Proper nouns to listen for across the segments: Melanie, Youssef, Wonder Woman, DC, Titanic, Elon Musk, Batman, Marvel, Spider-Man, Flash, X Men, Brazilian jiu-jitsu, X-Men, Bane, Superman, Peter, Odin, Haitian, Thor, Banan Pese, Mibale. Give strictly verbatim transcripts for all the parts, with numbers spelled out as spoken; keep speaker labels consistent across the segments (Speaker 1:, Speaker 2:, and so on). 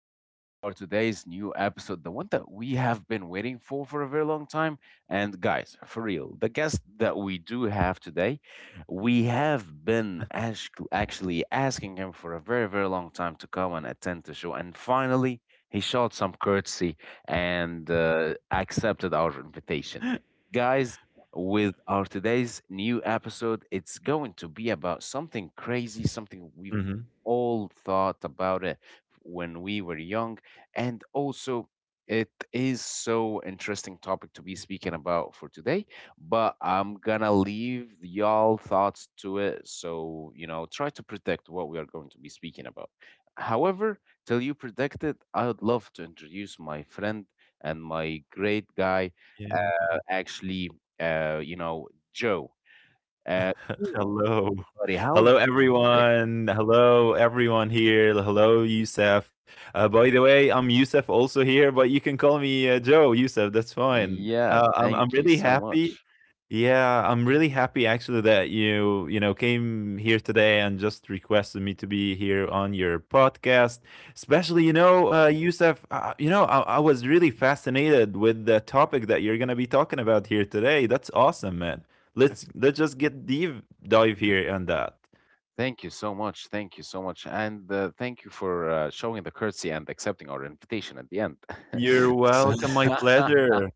Speaker 1: back with our today's new episode, the one that we have been waiting for for a very long time. And guys, for real, the guest that we do have today, we have been ash- actually asking him for a very, very long time to come and attend the show. And finally, he showed some courtesy and uh, accepted our invitation. Guys, with our today's new episode, it's going to be about something crazy, something we've
Speaker 2: Mhm.
Speaker 1: all thought about it when we were young. And also, it is so interesting topic to be speaking about for today, but I'm gonna leave y'all thoughts to it. So, you know, try to predict what we are going to be speaking about. However, till you predict it, I would love to introduce my friend and my great guy,
Speaker 2: Yeah.
Speaker 1: uh, actually, uh, you know, Joe. Uh, Joe,
Speaker 2: Hello.
Speaker 1: buddy, how are you
Speaker 2: Hello,
Speaker 1: today?
Speaker 2: everyone. Hello, everyone here. Hello, Youssef. Uh, by the way, I'm Youssef also here, but you can call me uh, Joe, Youssef. That's fine.
Speaker 1: Yeah,
Speaker 2: Uh, I'm, I'm
Speaker 1: thank you
Speaker 2: really
Speaker 1: so
Speaker 2: happy.
Speaker 1: much.
Speaker 2: Yeah, I'm really happy actually that you, you know, came here today and just requested me to be here on your podcast. Especially, you know, uh, Youssef, uh, you know, I, I was really fascinated with the topic that you're gonna be talking about here today. That's awesome, man.
Speaker 1: Th-
Speaker 2: Let's let's just get deep dive
Speaker 1: th-
Speaker 2: here on that.
Speaker 1: Thank you so much. Thank you so much. And uh, thank you for uh, showing the courtesy and accepting our invitation at the end.
Speaker 2: You're
Speaker 1: So,
Speaker 2: welcome. My pleasure.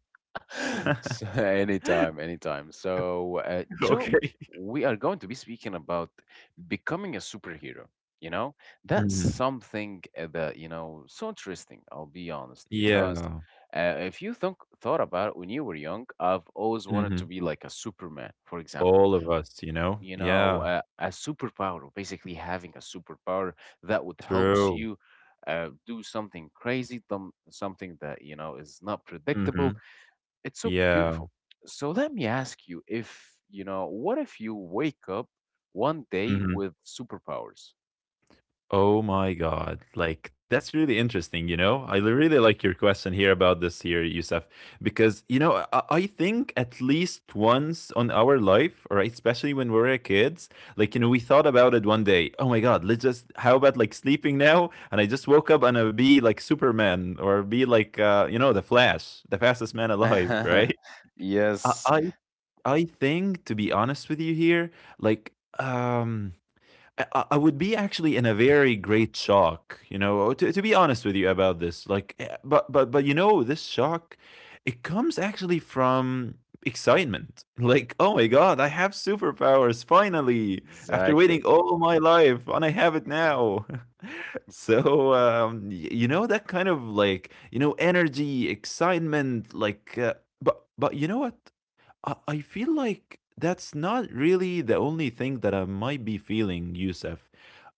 Speaker 1: so anytime, anytime. So, uh, Joe,
Speaker 2: Okay.
Speaker 1: we are going to be speaking about becoming a superhero. You know, that's
Speaker 2: Mhm.
Speaker 1: something uh, that, you know, so interesting, I'll be honest, because
Speaker 2: Yeah.
Speaker 1: uh, if you think thought about it when you were young, I've always wanted to
Speaker 2: hmm
Speaker 1: be like a Superman, for example.
Speaker 2: All of us, you know.
Speaker 1: You know,
Speaker 2: Yeah.
Speaker 1: uh, a superpower, or basically having a superpower that would helps
Speaker 2: True.
Speaker 1: you uh, do something crazy, some, something that you know is not predictable.
Speaker 2: Hmm
Speaker 1: It's so
Speaker 2: Yeah.
Speaker 1: beautiful. So let me ask you, if you know, what if you wake up one day
Speaker 2: hmm
Speaker 1: with superpowers?
Speaker 2: Oh my God. Like, that's really interesting, you know? I li- really like your question here about this here, Yusuf, because, you know, I, I think at least once on our life, or especially when we were kids, like, you know, we thought about it one day. Oh my God, let's just, how about like sleeping now? And I just woke up and I'll be like Superman or be like, uh, you know, the Flash, the fastest man alive, right? I,
Speaker 1: Yes.
Speaker 2: I I think, to be honest with you here, like, um, I I- would be actually in a very great shock, you know. Oh, to, to be honest with you about this. Like, eh, but, but, but, you know, this shock, it comes actually from excitement. Like, oh my God, I have superpowers finally after
Speaker 1: Exactly.
Speaker 2: waiting all my life and I have it now. So, um, y- you know, that kind of like, you know, energy, excitement, like, uh, but, but you know what? I I feel like that's not really the only thing that I might be feeling, Yusuf.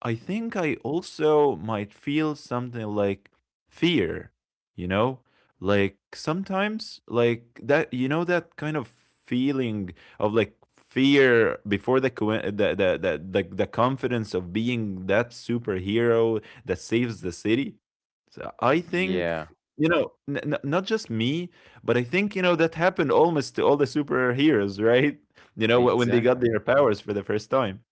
Speaker 2: I
Speaker 1: Mm.
Speaker 2: think I also might feel something like fear, you know? Like sometimes, like that, you know, that kind of feeling of like fear before the co- the, the, the, the, the confidence of being that superhero that saves the city. So I
Speaker 1: Yeah,
Speaker 2: think, you know, n- n- not just me, but I think, you know, that happened almost to all the superheroes, right? You know, wh- when they got
Speaker 1: exactly.
Speaker 2: their powers for the first time.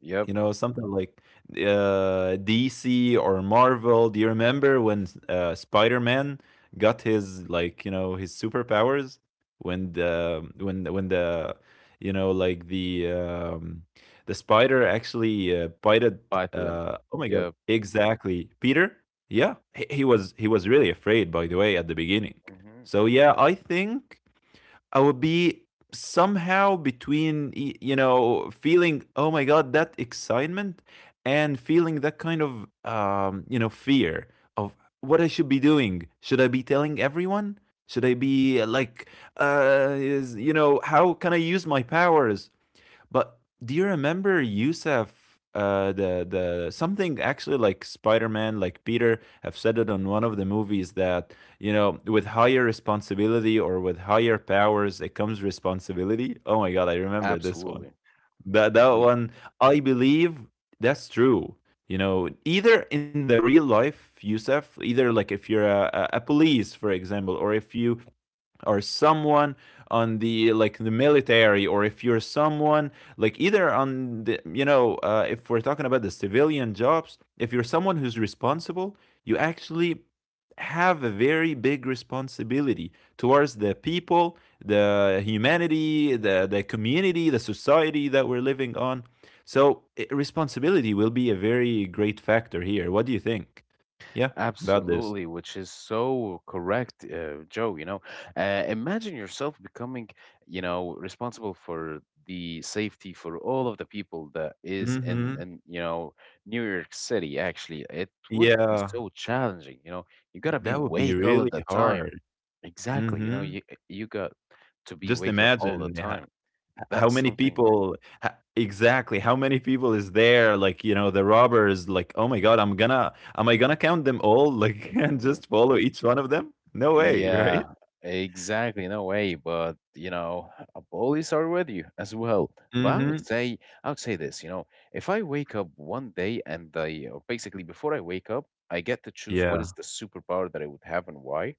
Speaker 1: Yep.
Speaker 2: You know, something like uh, D C or Marvel. Do you remember when uh, Spider-Man got his, like, you know, his superpowers when the when the- when the, you know, like the um, the spider actually uh, bited.
Speaker 1: Bye to them.
Speaker 2: Uh, oh my God!
Speaker 1: Yep.
Speaker 2: Exactly, Peter. Yeah, he, he was he was really afraid, by the way, at the beginning.
Speaker 1: Hmm.
Speaker 2: So yeah, I think I would be somehow between, y- you know, feeling oh my God, that excitement, and feeling that kind of um, you know, fear of what I should be doing. Should I be telling everyone? Should I be uh, like uh, is, you know, how can I use my powers? But do you remember, Yusef? Uh, the the Something actually like Spider-Man, like Peter have said it on one of the movies, that you know with higher responsibility, or with higher powers, it comes responsibility. Oh my God, I remember this one.
Speaker 1: Absolutely.
Speaker 2: That that
Speaker 1: Ye-
Speaker 2: one, I believe that's true. You know, either in the real life, Yusef, either like if you're a, a, a police, for example, or if you, or someone on the like the military, or if you're someone like either on the, you know, uh, if we're talking about the civilian jobs, if you're someone who's responsible, you actually have a very big responsibility towards the people, the humanity, the the community, the society that we're living on. So i- responsibility will be a very great factor here. What do you think? Yeah, about this.
Speaker 1: Absolutely, which is so correct, uh, Joe. You know, uh, imagine yourself becoming, you know, responsible for the safety for all of the people that is in,
Speaker 2: Hmm
Speaker 1: in you know, New York City. Actually, it would be
Speaker 2: yeah.
Speaker 1: so challenging. You know, you gotta
Speaker 2: That
Speaker 1: be
Speaker 2: would be
Speaker 1: awake
Speaker 2: really
Speaker 1: all of the
Speaker 2: hard.
Speaker 1: time. Exactly. You know,
Speaker 2: Mhm.
Speaker 1: you you got to be
Speaker 2: Just
Speaker 1: awake all the
Speaker 2: imagine h h
Speaker 1: time.
Speaker 2: how
Speaker 1: That's
Speaker 2: many
Speaker 1: something.
Speaker 2: people, h exactly, how many people is there, like, you know, the robbers, like, "Oh my God, I'm gonna am I gonna count them all," like, and just
Speaker 1: Mm,
Speaker 2: follow each one of them? No way, right?
Speaker 1: yeah, exactly. No way, but you know, a police are with you as well. But I would
Speaker 2: Mhm.
Speaker 1: say, I would say this, you know, if I wake up one day and I, or basically before I wake up, I get to choose what is
Speaker 2: Yeah.
Speaker 1: the superpower that I would have and why.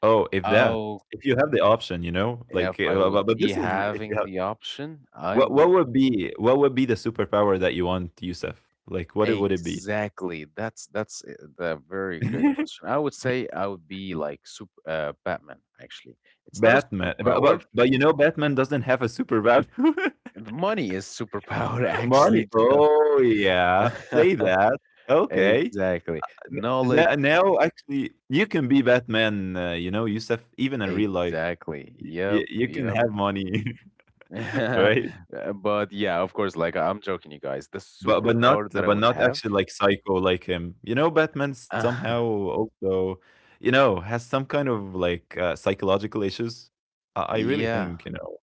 Speaker 2: Oh, if that.
Speaker 1: Oh,
Speaker 2: If you have the option, you know? Like,
Speaker 1: if
Speaker 2: eh,
Speaker 1: I
Speaker 2: uh, bu
Speaker 1: would
Speaker 2: but
Speaker 1: be
Speaker 2: this is if you
Speaker 1: having
Speaker 2: have,
Speaker 1: the option, I
Speaker 2: what what
Speaker 1: would
Speaker 2: would be what would be the superpower that you want, Youssef? Like, what it would it be?
Speaker 1: exactly. That's that's uh, the very great question. I would say I would be like super uh, Batman, actually. It's not a
Speaker 2: Batman, but
Speaker 1: superpower.
Speaker 2: but but you know Batman doesn't have a super value.
Speaker 1: The money is superpower actually
Speaker 2: Marty,
Speaker 1: too.
Speaker 2: oh yeah, say that. Okay,
Speaker 1: Exactly. Knowledge,
Speaker 2: now now actually you can be Batman. Uh, you know, Yusuf, even in real life,
Speaker 1: exactly. Yep,
Speaker 2: you, you can
Speaker 1: yep.
Speaker 2: have money, right?
Speaker 1: Uh, But yeah, of course, like I'm joking, you guys. The
Speaker 2: But but not
Speaker 1: superpower that I
Speaker 2: but
Speaker 1: would
Speaker 2: not
Speaker 1: have.
Speaker 2: actually like psycho like him. You know, Batman somehow also, you know, has some kind of like uh, psychological issues. I, I really
Speaker 1: Yeah,
Speaker 2: think, you know.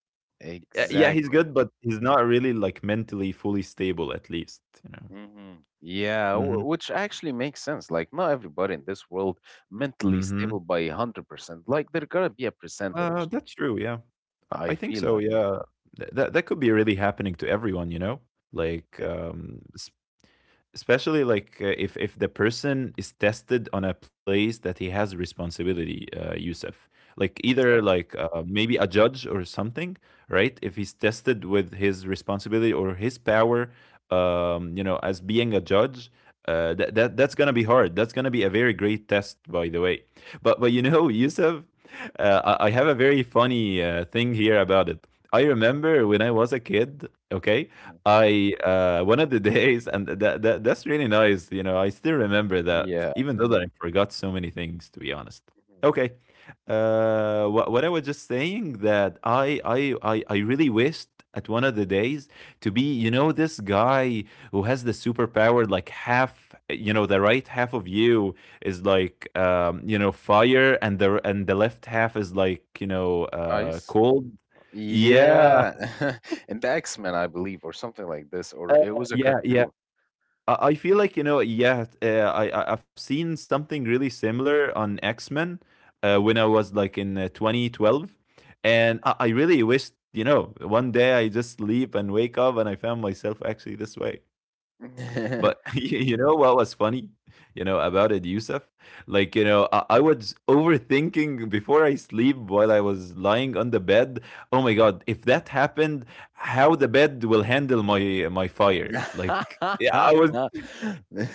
Speaker 2: Uh, yeah, he's
Speaker 1: exactly.
Speaker 2: good, but he's not really, like, mentally fully stable, at least, you know?
Speaker 1: Hmm. Yeah, w-
Speaker 2: Mhm,
Speaker 1: which actually makes sense. Like, not everybody in this world mentally
Speaker 2: mhm.
Speaker 1: stable by one hundred percent. Like, there gotta be a percentage,
Speaker 2: Uh, that's true, yeah. I I
Speaker 1: I
Speaker 2: think
Speaker 1: feel
Speaker 2: so,
Speaker 1: like.
Speaker 2: yeah. Th that That could be really happening to everyone, you know? Like,
Speaker 1: E-
Speaker 2: um, s especially like uh, if if the person is tested on a place that he has responsibility, uh, Yusuf. Like either
Speaker 1: Exactly.
Speaker 2: like uh, maybe a judge or something, right? If he's tested with his responsibility or his power, um, you know, as being a judge, uh, that that that's gonna be hard. That's gonna be a very great test, by the way. But but you know, Yusuf, uh, I, I have a very funny uh, thing here about it. I remember when I was a kid. Okay,
Speaker 1: Mhm.
Speaker 2: I uh, one of the days, and that, that that's really nice. You know, I still remember that,
Speaker 1: Yeah.
Speaker 2: even though that I forgot so many things, to be honest.
Speaker 1: Mhm.
Speaker 2: Okay. Uh, what, what I was just saying, that I, I I I really wished at one of the days to be, you know, this guy who has the superpower, like half, you know, the right half of you is like, um, you know, fire, and the and the left half is like, you know, uh,
Speaker 1: Guys?
Speaker 2: cold. Yeah,
Speaker 1: Yeah, in the X-Men, I believe, or something like this, or
Speaker 2: uh,
Speaker 1: it was a
Speaker 2: yeah, yeah.
Speaker 1: cartoon.
Speaker 2: I, I feel like, you know, yeah. Uh, I I- I've seen something really similar on X Men uh, when I was like in uh, twenty twelve, and I, I really wished, you know, one day I just sleep and wake up and I found myself actually this way. But you you know what was funny, you know, about it, Yusuf? Like, you know, I, I was overthinking before I sleep while I was lying on the bed. Oh my God, if that happened, how the bed will handle my my fire. Like, yeah, I was,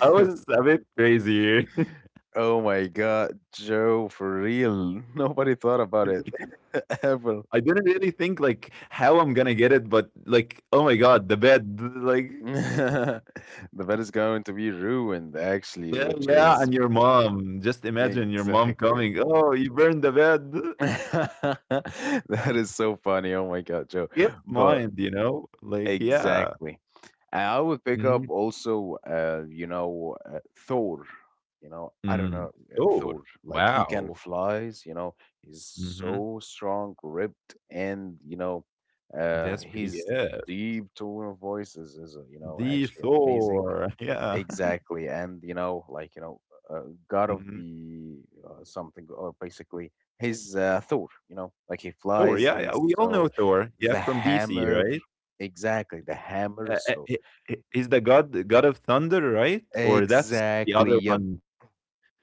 Speaker 2: I was a bit crazy here.
Speaker 1: Oh my God, Joe, for real. Nobody thought about it ever.
Speaker 2: I didn't really think like how I'm gonna get it, but like, oh my God, the bed, like.
Speaker 1: The bed is going to be ruined, actually,
Speaker 2: Yeah,
Speaker 1: which
Speaker 2: yeah,
Speaker 1: is
Speaker 2: and your mom. Just imagine your mom
Speaker 1: exactly.
Speaker 2: coming. Oh, you burned the bed.
Speaker 1: That is so funny. Oh my God, Joe.
Speaker 2: Yes,
Speaker 1: But
Speaker 2: mind, you know, like, yeah.
Speaker 1: exactly. I would pick
Speaker 2: Mhm,
Speaker 1: up also, uh, you know, uh, Thor. You know, I don't
Speaker 2: mm,
Speaker 1: know uh,
Speaker 2: Thor.
Speaker 1: Thor. Like he can
Speaker 2: Wow.
Speaker 1: flies. You know, he's
Speaker 2: Mhm.
Speaker 1: so strong, ripped, and you know, uh,
Speaker 2: That's pretty
Speaker 1: his
Speaker 2: good.
Speaker 1: deep tone of voice is, is uh, you know
Speaker 2: The
Speaker 1: actually amazing.
Speaker 2: Thor. Yeah.
Speaker 1: Exactly, and you know, like you know, uh, God of
Speaker 2: Mhm.
Speaker 1: the uh, something, or basically his uh, Thor. You know, like he
Speaker 2: Thor.
Speaker 1: flies.
Speaker 2: Yeah, yeah.
Speaker 1: He's
Speaker 2: We all
Speaker 1: so
Speaker 2: know Thor. Yeah,
Speaker 1: the
Speaker 2: from D C,
Speaker 1: hammer.
Speaker 2: right?
Speaker 1: Exactly, the hammer.
Speaker 2: Uh, uh,
Speaker 1: So
Speaker 2: he- he- he's the god, the god of thunder, right? Or that's the
Speaker 1: exactly.
Speaker 2: other
Speaker 1: Yep.
Speaker 2: one.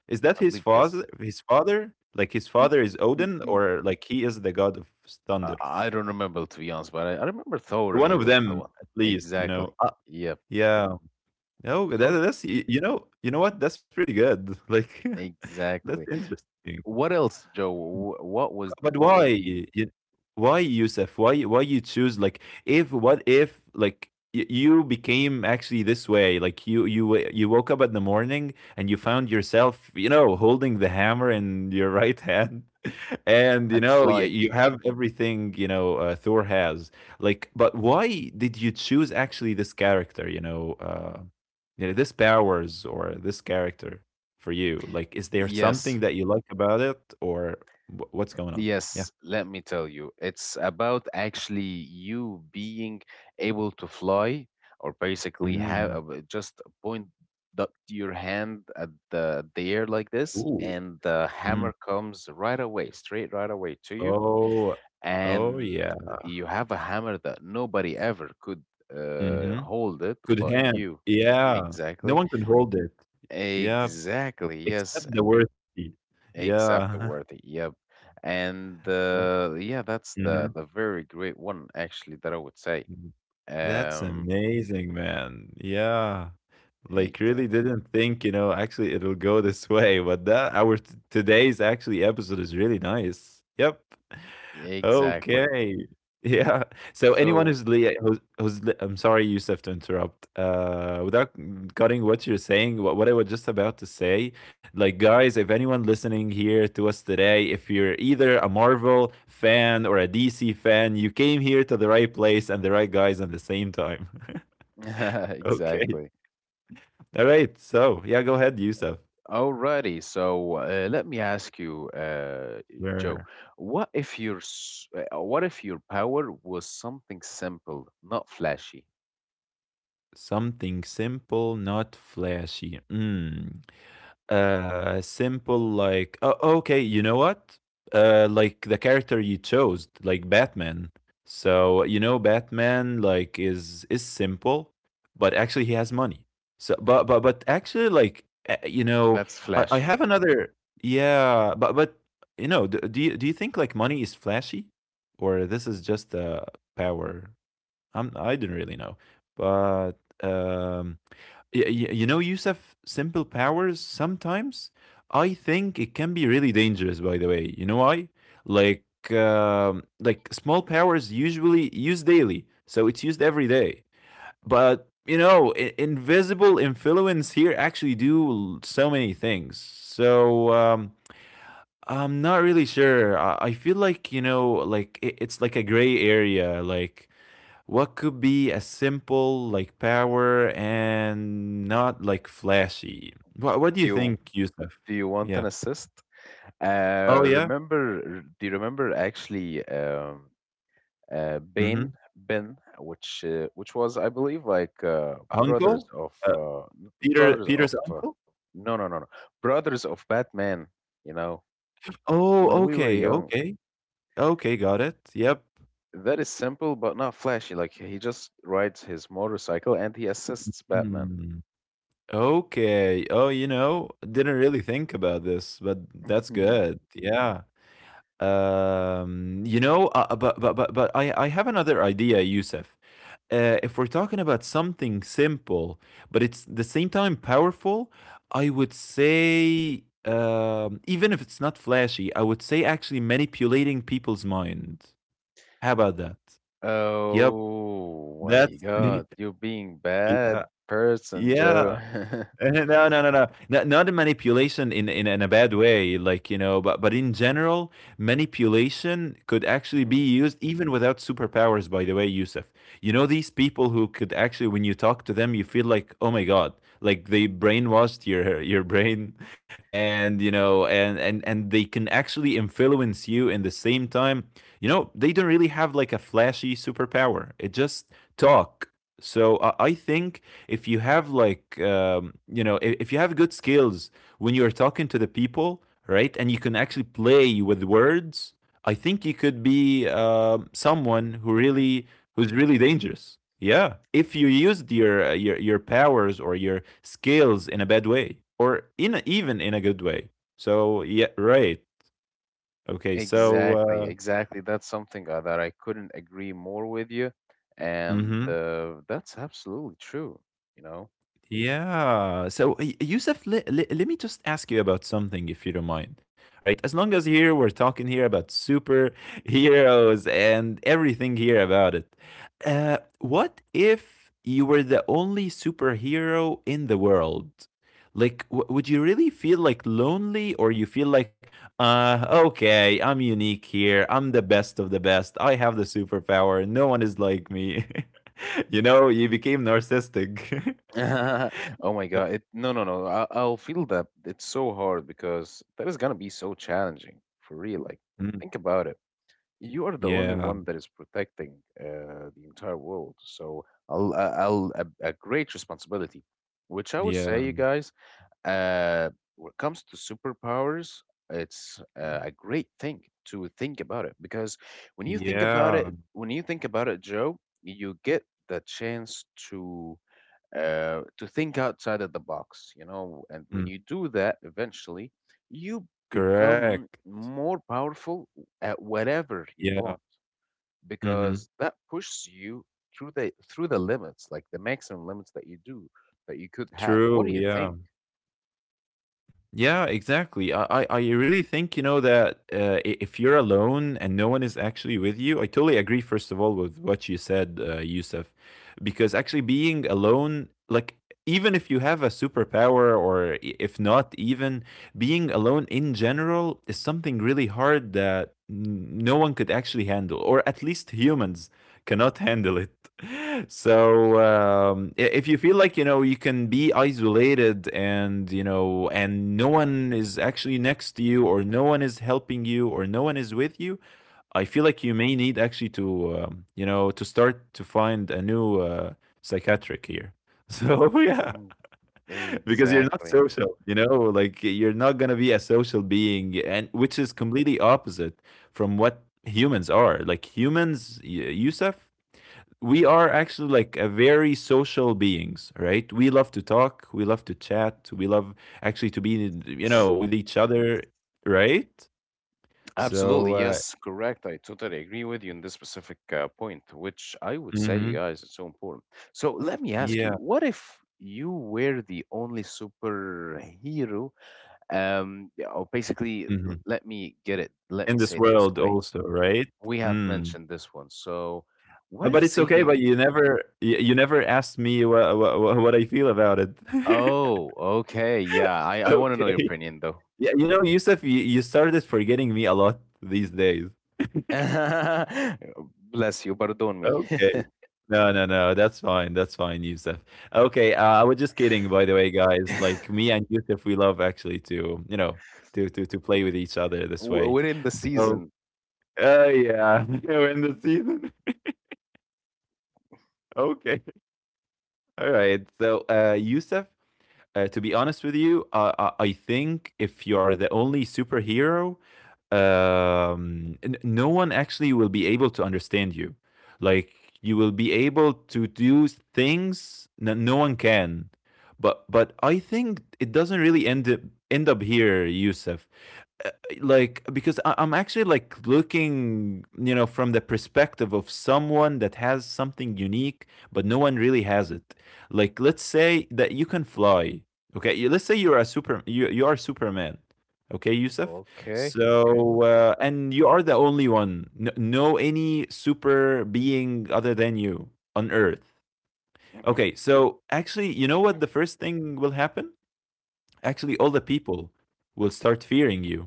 Speaker 2: Is that
Speaker 1: I
Speaker 2: his
Speaker 1: believe
Speaker 2: father?
Speaker 1: yes.
Speaker 2: His father? Like his
Speaker 1: N-
Speaker 2: father is
Speaker 1: n-
Speaker 2: Odin,
Speaker 1: n-
Speaker 2: or like he is the god of
Speaker 1: I
Speaker 2: thunder.
Speaker 1: I don't remember to be honest, but I, I remember Thor.
Speaker 2: One
Speaker 1: He
Speaker 2: of
Speaker 1: was the
Speaker 2: them,
Speaker 1: one.
Speaker 2: at least. You know.
Speaker 1: Exactly.
Speaker 2: Uh,
Speaker 1: Yep.
Speaker 2: yeah. No, that
Speaker 1: So
Speaker 2: that's, y you know, you know what? That's pretty good. Like, that's
Speaker 1: exactly.
Speaker 2: interesting.
Speaker 1: What else, Joe? Wh- What was
Speaker 2: But
Speaker 1: what
Speaker 2: why?
Speaker 1: would be
Speaker 2: You Why, Yusuf? Why why you choose like, if what if like, y you became actually this way? Like, you you wa you woke up in the morning and you found yourself, you know, holding the hammer in your right hand. And you
Speaker 1: and
Speaker 2: know, y-
Speaker 1: flying?
Speaker 2: you have everything, you know, uh, Thor has. Like, but why did you choose actually this character? You know, uh, you know, this powers or this character for you. Like, is there something
Speaker 1: Yes.
Speaker 2: that you like about it, or wh- what's going on? Yeah.
Speaker 1: Yes, let me tell you. It's about actually you being able to fly or basically
Speaker 2: Mm.
Speaker 1: have just point the, your hand at the, the air like this,
Speaker 2: Ooh.
Speaker 1: and the
Speaker 2: Mm.
Speaker 1: hammer comes right away, straight right away to you.
Speaker 2: Oh. Oh
Speaker 1: And
Speaker 2: yeah.
Speaker 1: you have a hammer that nobody ever could uh,
Speaker 2: Mm-hmm.
Speaker 1: hold it
Speaker 2: Good
Speaker 1: but
Speaker 2: hand.
Speaker 1: you.
Speaker 2: Yeah. No
Speaker 1: Exactly.
Speaker 2: one could hold it. Yeah,
Speaker 1: Exactly. Yes.
Speaker 2: except the worthy.
Speaker 1: Except
Speaker 2: Yeah.
Speaker 1: the worthy, yep. And uh, yeah, that's
Speaker 2: Mm-hmm.
Speaker 1: the the very great one actually that I would say.
Speaker 2: That's
Speaker 1: Um,
Speaker 2: amazing, man. Yeah. Like really
Speaker 1: exactly,
Speaker 2: didn't think, you know, actually it'll go this way, but that our t- today's actually episode is really nice. Yep.
Speaker 1: exactly.
Speaker 2: Okay. Yeah. So anyone
Speaker 1: So
Speaker 2: who's, li- who's, who's li- I'm sorry, Yusuf, to interrupt. Uh, without cutting what you're saying, what, what I was just about to say, like, guys, if anyone listening here to us today, if you're either a Marvel fan or a D C fan, you came here to the right place and the right guys at the same time. Okay.
Speaker 1: exactly.
Speaker 2: All right. So, yeah, go ahead, Yusuf.
Speaker 1: Alrighty, so uh, let me ask you, uh, Joe,
Speaker 2: Where?
Speaker 1: what if your s- uh, what if your power was something simple, not flashy?
Speaker 2: Something simple, not flashy. Hmm. Uh simple like oh, okay, you know what, uh like the character you chose, like Batman. So you know Batman, like is is simple, but actually he has money. So but but but actually like, uh, you know,
Speaker 1: That's
Speaker 2: i, I
Speaker 1: flashy.
Speaker 2: have another. Yeah, but but you know, do, do you do you think like money is flashy, or this is just a power? I'm, I didn't really know, but um, y- y- you know, Yusuf, simple powers sometimes, I think it can be really dangerous. By the way, you know why? Like, um, like small powers usually used daily, so it's used every day. But you know, I- invisible influence here actually do l- so many things. So um, I'm not really sure. I, I feel like you know, like it- it's like a gray area, like what could be a simple like power and not like flashy? What what do
Speaker 1: Do
Speaker 2: you
Speaker 1: you
Speaker 2: think, Yusuf?
Speaker 1: do you
Speaker 2: Yeah.
Speaker 1: want an assist?
Speaker 2: Oh
Speaker 1: Uh,
Speaker 2: yeah.
Speaker 1: remember? Do you remember actually? Um, uh, Bane,
Speaker 2: Mm-hmm.
Speaker 1: Ben, which uh, which was, I believe, like uh, brothers
Speaker 2: Uncle?
Speaker 1: of
Speaker 2: Uh,
Speaker 1: uh, n-
Speaker 2: Peter
Speaker 1: brothers of
Speaker 2: Peter's
Speaker 1: uh,
Speaker 2: uncle?
Speaker 1: no, no, no, no, brothers of Batman. You know,
Speaker 2: Oh,
Speaker 1: when we were
Speaker 2: okay,
Speaker 1: young,
Speaker 2: okay, okay, got it. Yep.
Speaker 1: that is simple but not flashy. Like he just rides his motorcycle and he assists Batman.
Speaker 2: Hmm. Okay. Oh, you know, didn't really think about this, but that's good. Yeah. Um, you know, uh, uh, but but but but I I have another idea, Yusuf. Uh, if we're talking about something simple, but it's the same time powerful, I would say, um, even if it's not flashy, I would say actually manipulating people's mind. How about that? Yep,
Speaker 1: Oh my
Speaker 2: that's yeah,
Speaker 1: God, you're being bad person, Joe.
Speaker 2: yeah. No, no, no, no. Not, not a manipulation in, in in a bad way, like you know, but but in general, manipulation could actually be used even without superpowers. By the way, Yusuf, you know these people who could actually, when you talk to them, you feel like, oh my god, like they brainwashed your your brain, and you know, and and and they can actually influence you. In the same time, you know, they don't really have like a flashy superpower. It just talk. So I I think if you have like um, you know, if, if you have good skills when you're talking to the people, right, and you can actually play with words, I think you could be, um someone who really, who's really dangerous. Yeah, if you used your uh, your, your powers or your skills in a bad way or in a, even in a good way. So yeah, right. Okay, so
Speaker 1: Exactly,
Speaker 2: uh,
Speaker 1: exactly. That's something uh, that I couldn't agree more with you, and
Speaker 2: mhm.
Speaker 1: uh, that's absolutely true. You know,
Speaker 2: Yeah. So, Y- Yusuf, le- le- let me just ask you about something, if you don't mind. Right? As long as here we're talking here about superheroes and everything here about it. Uh, what if you were the only superhero in the world? Like, w- would you really feel like lonely, or you feel like, uh, okay, I'm unique here. I'm the best of the best. I have the superpower. No one is like me. You know, you became narcissistic.
Speaker 1: oh my God, it, no, no, no. I, I'll feel that it's so hard because that is gonna be so challenging for real. Like, think about it. You are the only
Speaker 2: Yeah,
Speaker 1: one that is protecting uh, the entire world, so I'll, I- I'll a, a great responsibility, which I would say, you
Speaker 2: yeah,
Speaker 1: guys. Uh, when it comes to superpowers, it's uh,
Speaker 2: mhm,
Speaker 1: a great thing to think about it, because when you think about it,
Speaker 2: yeah,
Speaker 1: when you think about it, Joe, you get the chance to uh, to think outside of the box, you know. And when you
Speaker 2: mm,
Speaker 1: do that, eventually, you become
Speaker 2: correct,
Speaker 1: more powerful at whatever you want,
Speaker 2: yeah,
Speaker 1: because
Speaker 2: mhm,
Speaker 1: that pushes you through the through the limits, like the maximum limits that you do that you could have. What do you
Speaker 2: true,
Speaker 1: think?
Speaker 2: yeah. Yeah, exactly. I, I, I really think, you know, that uh, i- if you're alone and no one is actually with you, I totally agree, first of all, with what you said, uh, Yusuf, because actually being alone, like, even if you have a superpower or i- if not, even being alone in general is something really hard that n- no one could actually handle, or at least humans cannot handle it. So um, i- if you feel like you know you can be isolated and you know and no one is actually next to you or no one is helping you or no one is with you, I feel like you may need actually to, um, you know, to start to find a new uh, psychiatric here. So yeah. Because you're not
Speaker 1: Exactly.
Speaker 2: social, you know, like you're not going to be a social being, and which is completely opposite from what humans are. Like humans, y- Yusuf, we are actually like a very social beings, right? We love to talk, we love to chat, we love actually to be, you know, with each other. Right? So
Speaker 1: Absolutely.
Speaker 2: uh
Speaker 1: Yes, correct. I totally agree with you on this specific uh, point, which I would say, you
Speaker 2: mhm,
Speaker 1: guys, it's so important. So let me ask you,
Speaker 2: yeah,
Speaker 1: what if you were the only superhero? Um, yeah, or basically, l-
Speaker 2: mhm.
Speaker 1: let me get it. Let
Speaker 2: In
Speaker 1: me
Speaker 2: this
Speaker 1: say it this
Speaker 2: world
Speaker 1: way.
Speaker 2: also, right?
Speaker 1: We have
Speaker 2: Mm.
Speaker 1: mentioned this one. So
Speaker 2: Uh,
Speaker 1: what if
Speaker 2: but it's okay,
Speaker 1: saving?
Speaker 2: but you never, you, you never asked me what, what what I feel about it.
Speaker 1: Oh, okay. Yeah, I, I want to know your
Speaker 2: Okay,
Speaker 1: opinion though.
Speaker 2: yeah, you know, Yusuf, you, you started forgetting me a lot these days.
Speaker 1: Bless you. Pardon me.
Speaker 2: Okay. No, no, no. That's fine. That's fine, Yusuf. Okay, uh, I was just kidding, by the way, guys. Like me and Yusuf, we love actually to, you know, to to to play with each other this
Speaker 1: W-
Speaker 2: way.
Speaker 1: We're in the
Speaker 2: So,
Speaker 1: season.
Speaker 2: uh, yeah, you know, in the season. Okay, all right. So, uh, Yusuf, uh, to be honest with you, uh, I, I think if you're the only superhero, um, n- no one actually will be able to understand you. Like, you will be able to do things that no one can. But but I think it doesn't really end up, end up here, Yusuf. uh, like, because I, I'm actually like looking, you know, from the perspective of someone that has something unique, but no one really has it. Like let's say that you can fly. Okay, you- let's say you're a super, you, you are Superman. Okay, Yusuf.
Speaker 1: Okay, okay.
Speaker 2: So uh, and you are the only one, no, no any super being other than you on earth.
Speaker 1: Mm-hmm.
Speaker 2: Okay, so actually, you know what, the first thing will happen, actually all
Speaker 1: Hmm.
Speaker 2: the people will start fearing you.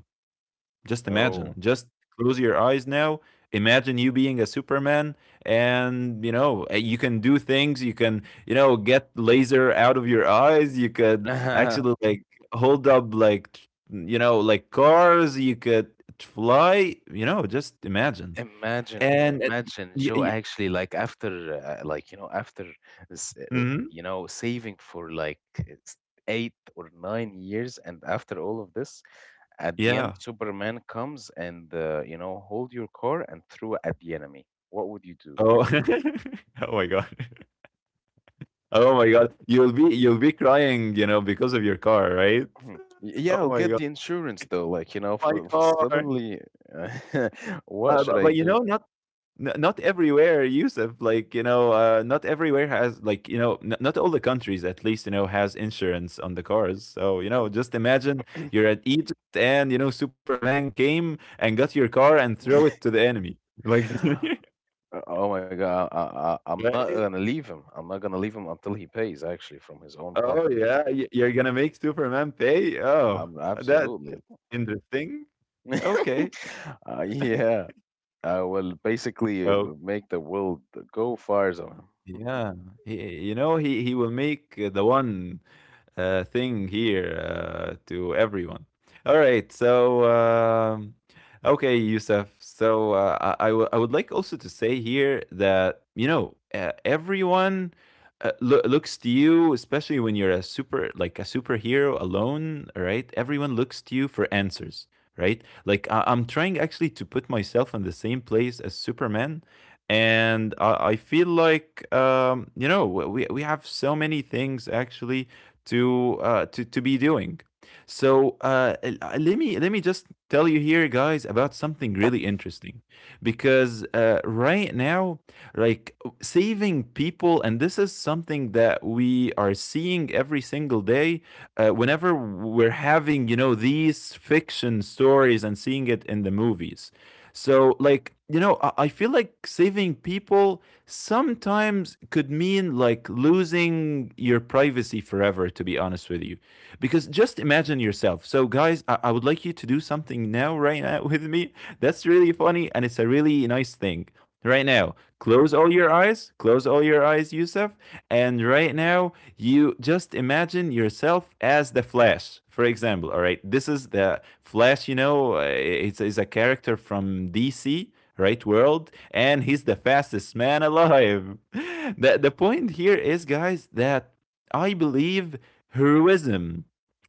Speaker 2: Just imagine.
Speaker 1: Oh.
Speaker 2: Just close your eyes now. Imagine you being a Superman, and you know, uh, you can do things. You can, you know, get laser out of your eyes. You could actually like hold up, like tr- you know, like cars. You could fly. You know, just imagine.
Speaker 1: Imagine,
Speaker 2: And it-
Speaker 1: imagine
Speaker 2: y-
Speaker 1: Joe
Speaker 2: y-
Speaker 1: actually like after uh, like you know after s- uh,
Speaker 2: mhm,
Speaker 1: you know saving for like s- eight or nine years, and after all of this at the end
Speaker 2: yeah.
Speaker 1: Superman comes and uh, you know hold your car and throw it at the enemy. What would you do?
Speaker 2: Oh, oh my god. Oh my god. You'll be, you'll be crying, you know, because of your car, right?
Speaker 1: Hmm. Y- Yeah,
Speaker 2: Oh
Speaker 1: I'll
Speaker 2: my
Speaker 1: get
Speaker 2: god.
Speaker 1: the insurance though. Like you know, f
Speaker 2: My
Speaker 1: f-
Speaker 2: car.
Speaker 1: suddenly, uh,
Speaker 2: Uh,
Speaker 1: what should
Speaker 2: but
Speaker 1: I
Speaker 2: but, you know,
Speaker 1: do?
Speaker 2: not n not everywhere, Yusuf, like, you know, uh, not everywhere has like, you know, n not all the countries at least, you know, has insurance on the cars. So, you know, just imagine you're at Egypt and, you know, Superman came and got your car and throw it to the enemy. Like,
Speaker 1: Uh, Oh my God, I, I, I'm not
Speaker 2: right?
Speaker 1: gonna leave him. I'm not gonna leave him until he pays, actually, from his own
Speaker 2: Oh
Speaker 1: pocket.
Speaker 2: yeah, y- you're gonna make Superman pay? Oh,
Speaker 1: I'm
Speaker 2: that that's
Speaker 1: absolutely.
Speaker 2: interesting. Okay.
Speaker 1: Uh, yeah, I will basically uh,
Speaker 2: Oh
Speaker 1: make the world go fires on him.
Speaker 2: yeah, he, you know, he he will make the one uh, thing here uh, to everyone. All right, so um, okay, Yusuf. So uh, I I w I would like also to say here that you know, uh, everyone uh, loo- looks to you, especially when you're a super like a superhero alone. Right, everyone looks to you for answers. Right, like I- I'm trying actually to put myself in the same place as Superman. And I I feel like, um, you know, we we have so many things actually to, uh, to to be doing. So uh, l- uh, let me let me just tell you here, guys, about something really interesting, because uh, right now, like saving people, and this is something that we are seeing every single day, uh, whenever we're having, you know, these fiction stories and seeing it in the movies. So like, you know, i, I feel like saving people sometimes could mean like losing your privacy forever, to be honest with you, because just imagine yourself. So guys, i, I would like you to do something now, right now, with me. That's really funny, and it's a really nice thing. Right now, close all your eyes, close all your eyes, Yusuf. And right now, you just imagine yourself as the Flash, for example. All right, this is the Flash, you know, uh, it's, it's a character from D C, right? World, and he's the fastest man alive. the, the point here is, guys, that I believe heroism,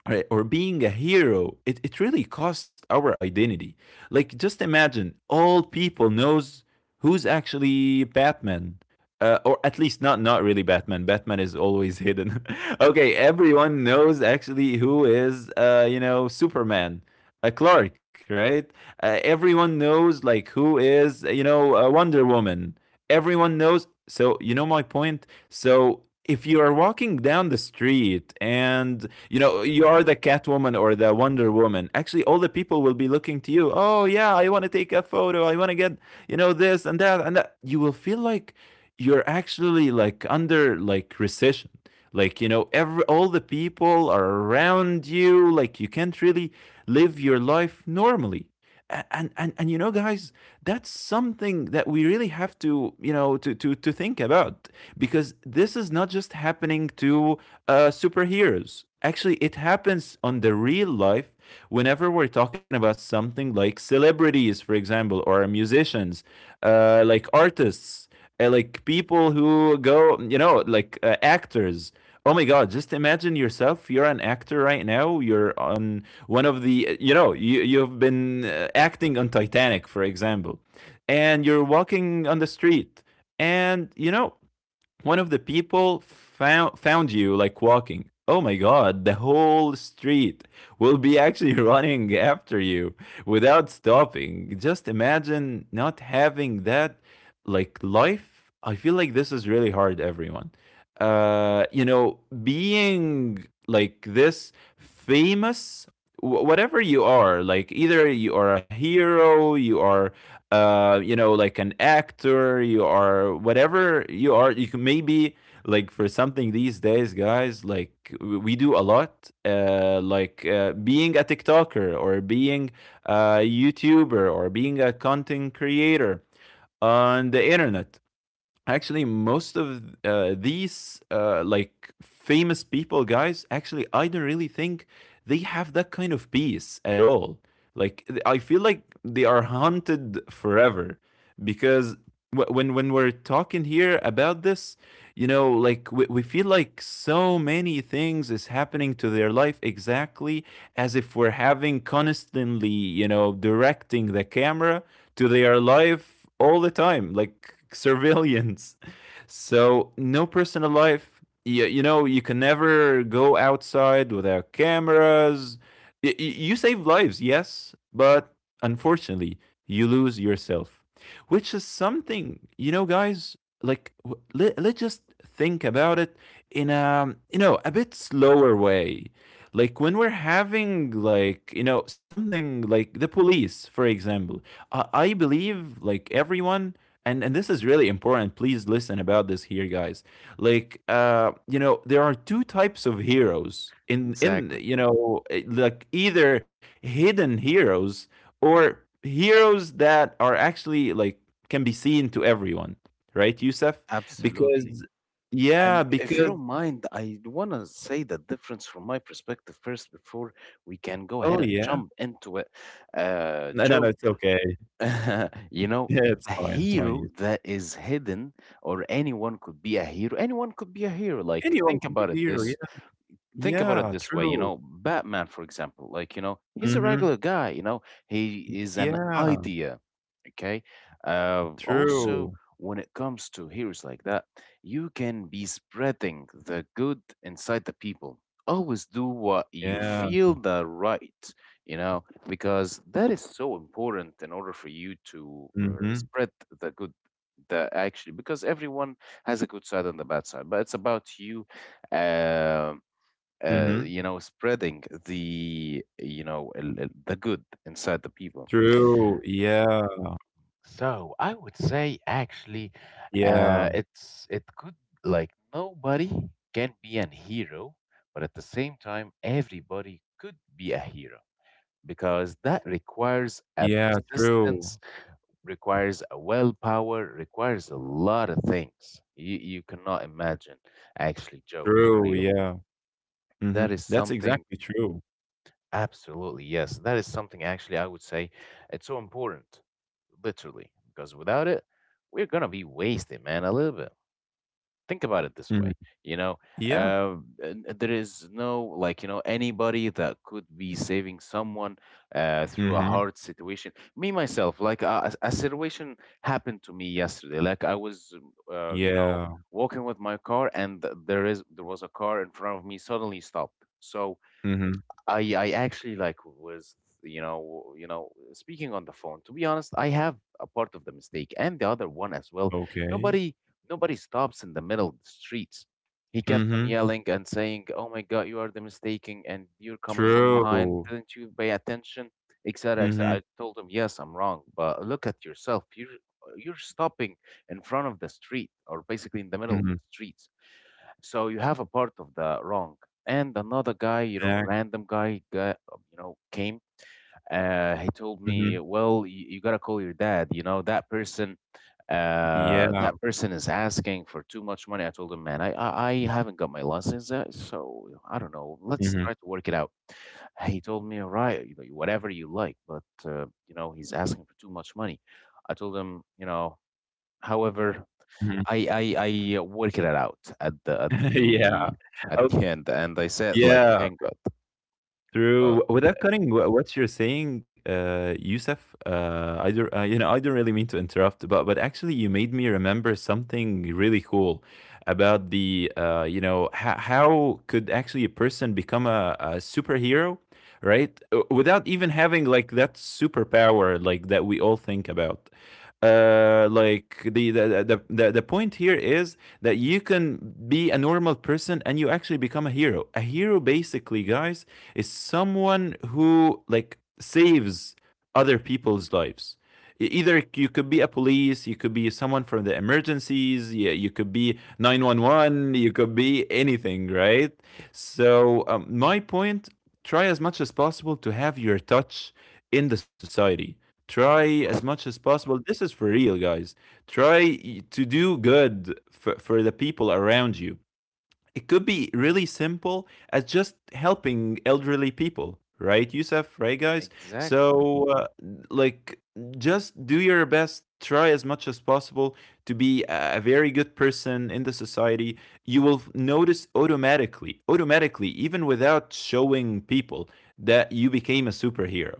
Speaker 2: right, or being a hero, it, it really costs our identity. Like, just imagine all people knows who's actually Batman. Uh, or at least not not really Batman. Batman is always hidden. Okay, everyone knows actually who is, uh, you know, Superman, uh, Clark, right? Uh, everyone knows like who is, you know, uh, Wonder Woman. Everyone knows. So, you know my point? So, if you are walking down the street and you know you are the catwoman or the wonder woman, actually all the people will be looking to you. Oh yeah, I want to take a photo, I want to get, you know, this and that and that. You will feel like you're actually like under like recession, like, you know, every all the people are around you, like you can't really live your life normally. And, and and you know, guys, that's something that we really have to, you know, to to to think about, because this is not just happening to uh superheroes. Actually, it happens on the real life whenever we're talking about something like celebrities, for example, or musicians, uh like artists, uh, like people who go, you know, like uh, actors. Oh my god, just imagine yourself, you're an actor right now. You're on one of the, you know, you you've been uh, acting on Titanic, for example, and you're walking on the street, and you know, one of the people found found you like walking. Oh my god, the whole street will be actually running after you without stopping. Just imagine not having that like life. I feel like this is really hard, everyone. Uh you know, being like this famous, whatever you are, like either you are a hero, you are uh you know like an actor, you are whatever you are, you can maybe like for something these days, guys, like w- we do a lot, uh like uh, being a tiktoker or being a youtuber or being a content creator on the internet. Actually most of uh, these uh, like famous people, guys, actually I don't really think they have that kind of peace at all. Like th- I feel like they are haunted forever, because wh- when when we're talking here about this, you know, like we, we feel like so many things is happening to their life, exactly as if we're having constantly, you know, directing the camera to their life all the time, like civilians? So no personal life. You, you know, you can never go outside without cameras. You. You save lives, yes, but unfortunately, you lose yourself, which is something, you know, guys, like let, let's just think about it in a, you know, a bit slower way, like when we're having like, you know, something like the police for example. I I believe like everyone, and and this is really important, please listen about this here, guys. Like, uh you know, there are two types of heroes in in
Speaker 1: Exactly.
Speaker 2: you know, eh, like either hidden heroes or heroes that are actually like can be seen to everyone, right, Yusef?
Speaker 1: Absolutely.
Speaker 2: Because yeah,
Speaker 1: And if you
Speaker 2: because
Speaker 1: don't mind, I want to say the difference from my perspective first before we can go ahead
Speaker 2: oh
Speaker 1: and
Speaker 2: yeah,
Speaker 1: jump into it. Uh,
Speaker 2: no no no
Speaker 1: Joe,
Speaker 2: it's okay.
Speaker 1: you know,
Speaker 2: Yeah, it's
Speaker 1: the
Speaker 2: fine, it's
Speaker 1: hero
Speaker 2: fine.
Speaker 1: that is hidden, or anyone could be a hero. Anyone could be a hero. Like,
Speaker 2: Anyone
Speaker 1: think
Speaker 2: can be
Speaker 1: about
Speaker 2: a
Speaker 1: it
Speaker 2: hero, yeah.
Speaker 1: this think about it
Speaker 2: Yeah,
Speaker 1: this way. You
Speaker 2: true.
Speaker 1: know, Batman for example, like you know, he's a
Speaker 2: Mhm.
Speaker 1: regular guy, you know, he is an
Speaker 2: Yeah.
Speaker 1: idea. Okay, uh also
Speaker 2: True.
Speaker 1: when it comes to heroes like that, you can be spreading the good inside the people, always do what you
Speaker 2: Yeah.
Speaker 1: feel the right, you know, because that is so important in order for you to uh,
Speaker 2: Mhm.
Speaker 1: spread the good, the actually because everyone has a good side and the bad side, but it's about you, um uh, you
Speaker 2: Mhm.
Speaker 1: know, spreading the, you know, el- el- the good inside the people.
Speaker 2: True. Yeah.
Speaker 1: So I would say actually, uh,
Speaker 2: Yeah.
Speaker 1: it's it could like nobody can be an hero, but at the same time, everybody could be a hero, because that requires a
Speaker 2: Yeah.
Speaker 1: persistence,
Speaker 2: True.
Speaker 1: requires a willpower, requires a lot of things you you cannot imagine. Actually, Joe, for
Speaker 2: True.
Speaker 1: real,
Speaker 2: Yeah.
Speaker 1: that
Speaker 2: Mhm.
Speaker 1: is
Speaker 2: That's
Speaker 1: something.
Speaker 2: exactly true.
Speaker 1: Absolutely, yes. That is something actually I would say it's so important, literally, because without it, we're gonna be wasted, man, a little bit. Think about it this way,
Speaker 2: Mhm.
Speaker 1: you know,
Speaker 2: Yeah.
Speaker 1: uh, n- there is no like, you know, anybody that could be saving someone uh, through a
Speaker 2: Mhm.
Speaker 1: hard situation. Me myself, like a, a situation happened to me yesterday. Like I was, uh, you know,
Speaker 2: Yeah.
Speaker 1: walking with my car, and th- there is there was a car in front of me suddenly stopped. So
Speaker 2: Mhm.
Speaker 1: I I actually like was you know you know speaking on the phone. To be honest, I have a part of the mistake and the other one as well.
Speaker 2: Okay.
Speaker 1: Nobody nobody stops in the middle of the streets. He kept on
Speaker 2: Mhm.
Speaker 1: yelling and saying, "Oh my God, you are the mistaking, and you're coming from behind.
Speaker 2: True.
Speaker 1: Didn't you pay attention?" Etc. Etc.
Speaker 2: Mhm.
Speaker 1: I told him, "Yes, I'm wrong, but look at yourself. You're you're stopping in front of the street, or basically in the middle of
Speaker 2: Mhm.
Speaker 1: the streets." So you have a part of the wrong. And another guy, you know,
Speaker 2: Exact.
Speaker 1: random guy, got, you know, came. Uh, he told me,
Speaker 2: Mhm.
Speaker 1: well, you, you gotta call your dad. You know, that person, uh,
Speaker 2: Yeah.
Speaker 1: that person is asking for too much money. I told him, man, I, I, I haven't got my license, yet, so I don't know. Let's
Speaker 2: Mhm.
Speaker 1: try to work it out. He told me, all right, you know, whatever you like, but uh, you know, he's asking for too much money. I told him, you know, however,
Speaker 2: Mhm.
Speaker 1: I I I uh, worked it out at the at the
Speaker 2: Yeah.
Speaker 1: at the
Speaker 2: Okay.
Speaker 1: end, and I said like,
Speaker 2: Yeah.
Speaker 1: thank God. But
Speaker 2: Through without cutting wh- what you're saying, uh, Yusuf, uh, I don't, uh, you know, I don't really mean to interrupt, but but actually, you made me remember something really cool about the, uh, you know, ho- how could actually a person become a, a superhero, right? Uh, Without even having like that superpower, like that we all think about. Uh like the the, the the the point here is that you can be a normal person and you actually become a hero. A hero basically, guys, is someone who like saves other people's lives. E- either you could be a police, you could be someone from the emergencies. Yeah, you could be nine one one, you could be anything, right? So, um, my point, try as much as possible to have your touch in the society. Try as
Speaker 1: uh,
Speaker 2: much as possible. This is for real, guys. Try to do good for, for the people around you. It could be really simple as just helping elderly people, right, Yusuf? Right, guys?
Speaker 1: exactly,
Speaker 2: So, uh, like, just do your best. Try as much as possible to be a a very good person in the society. You will f- notice automatically, automatically, even without showing people, that you became a superhero.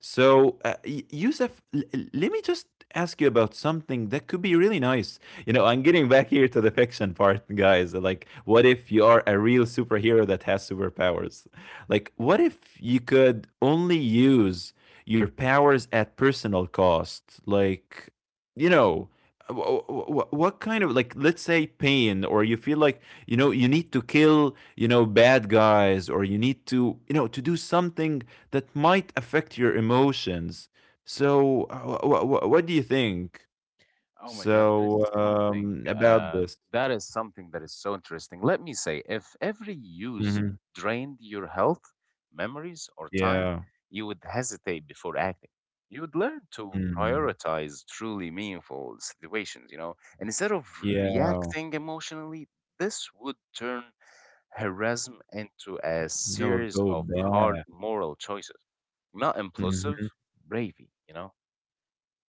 Speaker 2: So, uh, Y- Yusuf, l- l- let me just ask you about something that could be really nice. You know, I'm getting back here to the fiction part, guys. Like, what if you are a real superhero that has superpowers? Like, what if you could only use your powers at personal cost? Like, you know, wh- wh- what kind of like, let's say, pain, or you feel like, you know, you need to kill, you know, bad guys, or you need to, you know, to do something that might affect your emotions. So wh- wh- wh- what do you think,
Speaker 1: oh my God, that is
Speaker 2: so,
Speaker 1: something
Speaker 2: um, about
Speaker 1: uh,
Speaker 2: this?
Speaker 1: that is something that is so interesting. Let me say, if every use
Speaker 2: Mhm.
Speaker 1: drained your health, memories, or time,
Speaker 2: Yeah.
Speaker 1: you would hesitate before acting. You would learn to
Speaker 2: Mm.
Speaker 1: prioritize truly meaningful situations, you know, and instead of
Speaker 2: Yeah.
Speaker 1: reacting emotionally, this would turn harassment into a
Speaker 2: No,
Speaker 1: series
Speaker 2: it'll go
Speaker 1: of hard
Speaker 2: bad.
Speaker 1: moral choices, not impulsive
Speaker 2: Mhm.
Speaker 1: bravery, you know.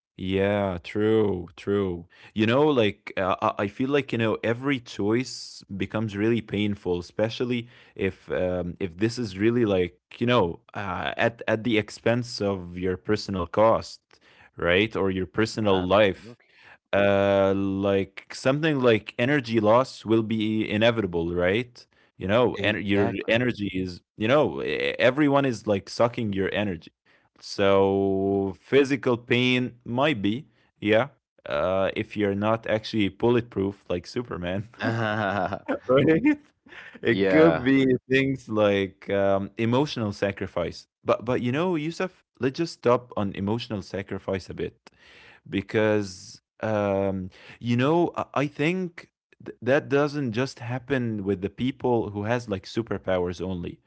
Speaker 2: Yeah, true, true. You know, like, uh, uh, I feel like, you know, every choice becomes really painful, especially if um, if this is really like, you know, uh, at at the expense of your personal cost, right? Or your personal life.
Speaker 1: Absolutely.
Speaker 2: Uh like something like energy loss will be inevitable, right? You know, and your
Speaker 1: Exactly.
Speaker 2: energy is, you know, e- everyone is like sucking your energy,
Speaker 1: Mm-hmm.
Speaker 2: so physical pain might be, yeah, uh if you're not actually bulletproof like superman. Right? It could
Speaker 1: Yeah,
Speaker 2: be things like um emotional sacrifice, but but you know, yusuf, let's just stop on emotional sacrifice a bit, because um, you know, I I think th- that doesn't just happen with the people who has like superpowers only.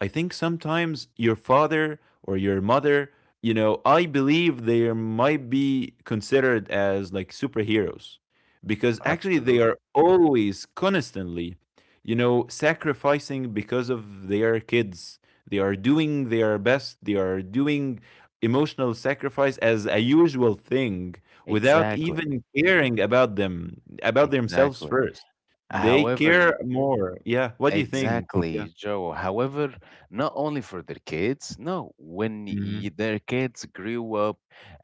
Speaker 2: I think sometimes your father or your mother, you know, I believe they might be considered as like superheroes, because actually they
Speaker 1: absolutely.
Speaker 2: are always constantly, you know, sacrificing because of their kids. They are doing their best. They are doing emotional sacrifice as a usual thing without
Speaker 1: Exactly.
Speaker 2: even caring about them, about themselves
Speaker 1: Exactly.
Speaker 2: first. They
Speaker 1: However,
Speaker 2: care more. Yeah. What do you think? Yeah.
Speaker 1: exactly, Joe. However, not only for their kids, no, when
Speaker 2: Mm-hmm.
Speaker 1: y their kids grew up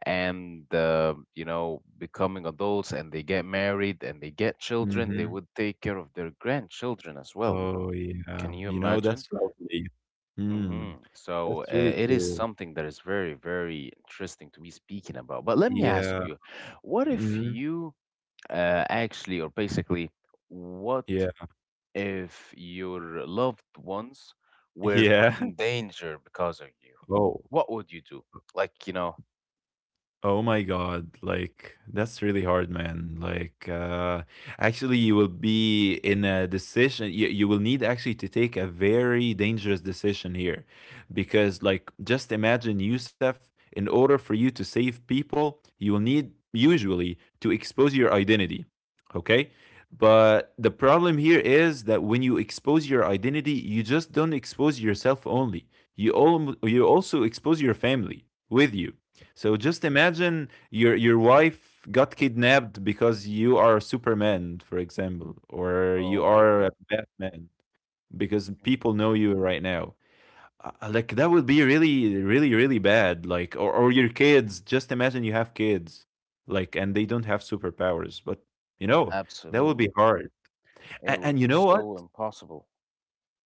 Speaker 1: and, uh, you know, becoming adults and they get married and they get children, they
Speaker 2: Mm-hmm.
Speaker 1: would take care of their grandchildren as well.
Speaker 2: Oh, yeah.
Speaker 1: Can you
Speaker 2: You know,
Speaker 1: imagine?
Speaker 2: that's lovely. Mm,
Speaker 1: Hmm. So
Speaker 2: that's
Speaker 1: uh,
Speaker 2: really
Speaker 1: it is
Speaker 2: cool.
Speaker 1: something that is very, very interesting to be speaking about. But let me ask
Speaker 2: Yeah.
Speaker 1: you, what if
Speaker 2: Mm-hmm.
Speaker 1: you uh, actually, or basically, what
Speaker 2: Yeah.
Speaker 1: if your loved ones were put
Speaker 2: Yeah.
Speaker 1: in danger because of you?
Speaker 2: Oh,
Speaker 1: What would you do? Like, you know,
Speaker 2: oh my god, like that's really hard, man. Like uh actually you will be in a decision, you, you will need actually to take a very dangerous decision here, because like just imagine Yusef, in order for you to save people, you will need usually to expose your identity. Okay? But the problem here is that when you expose your identity, you just don't expose yourself only. You all, you also expose your family with you. So just imagine your your wife got kidnapped because you are Superman, for example, or
Speaker 1: oh
Speaker 2: you
Speaker 1: my
Speaker 2: are a
Speaker 1: God.
Speaker 2: Batman, because
Speaker 1: Mm.
Speaker 2: people know you right now. Uh, uh, like that would be really, really, really bad. Like or, or your kids. Just imagine you have kids, like, and they don't have superpowers, but you know that would be
Speaker 1: Absolutely.
Speaker 2: hard.
Speaker 1: It
Speaker 2: And,
Speaker 1: would
Speaker 2: and you
Speaker 1: be
Speaker 2: know what?
Speaker 1: so impossible.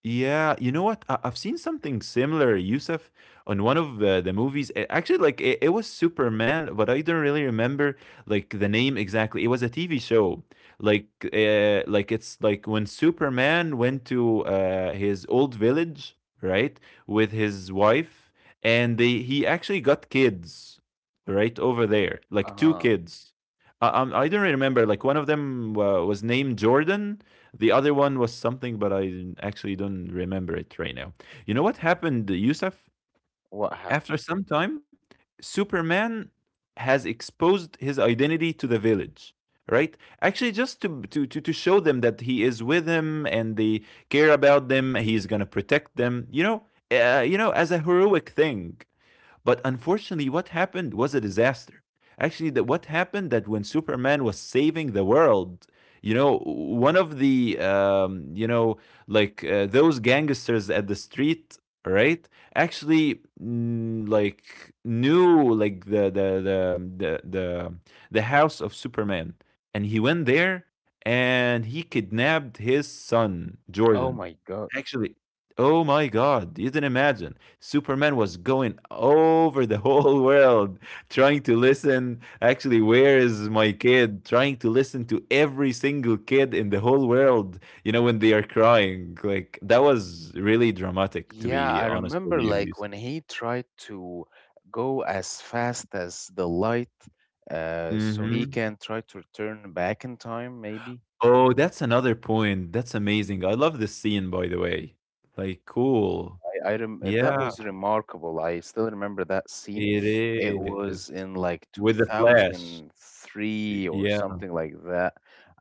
Speaker 2: Yeah, you know what? I- I've seen something similar, Yusuf, on one of uh, the movies. A- Actually, like it, it was Superman, but I don't really remember like the name exactly. It was a T V show, like uh, like it's like when Superman went to uh, his old village, right, with his wife, and they he actually got kids, right, over there, like two
Speaker 1: Uh-huh.
Speaker 2: kids. I, I'm- I don't really remember. Like one of them uh, was named Jordan, the other one was something, but I didn't- actually don't remember it right now. You know what happened, Yusuf?
Speaker 1: What happened?
Speaker 2: After some time, Superman has exposed his identity to the village, right? Actually, just to to to, to show them that he is with them and they care about them. He's gonna protect them. You know, uh, you know, as a heroic thing. But unfortunately, what happened was a disaster. Actually, that what happened that when Superman was saving the world, you know, one of the um, you know, like uh, those gangsters at the street, right? Actually, mm, like knew like the the the the the, the house of Superman, and he went there and he kidnapped his son
Speaker 1: Oh
Speaker 2: Jordan.
Speaker 1: my God.
Speaker 2: Actually, oh my God, you didn't imagine. Superman was going over the whole world trying to listen. Actually, where is my kid? Trying to listen to every single kid in the whole world, you know, when they are crying. Like, that was really dramatic, to
Speaker 1: Yeah,
Speaker 2: be
Speaker 1: I
Speaker 2: honest with
Speaker 1: remember
Speaker 2: you,
Speaker 1: like
Speaker 2: Yusuf.
Speaker 1: when he tried to go as fast as the light, uh, so he
Speaker 2: Mm-hmm.
Speaker 1: can try to return back in time, maybe.
Speaker 2: Oh, that's another point. That's amazing. I love this scene, by the way. Like, cool.
Speaker 1: I, I rem That
Speaker 2: Yeah,
Speaker 1: was remarkable. I still remember that scene.
Speaker 2: it
Speaker 1: It was
Speaker 2: is.
Speaker 1: in like
Speaker 2: With the flash. Y-
Speaker 1: two thousand three or
Speaker 2: Yeah.
Speaker 1: something like that.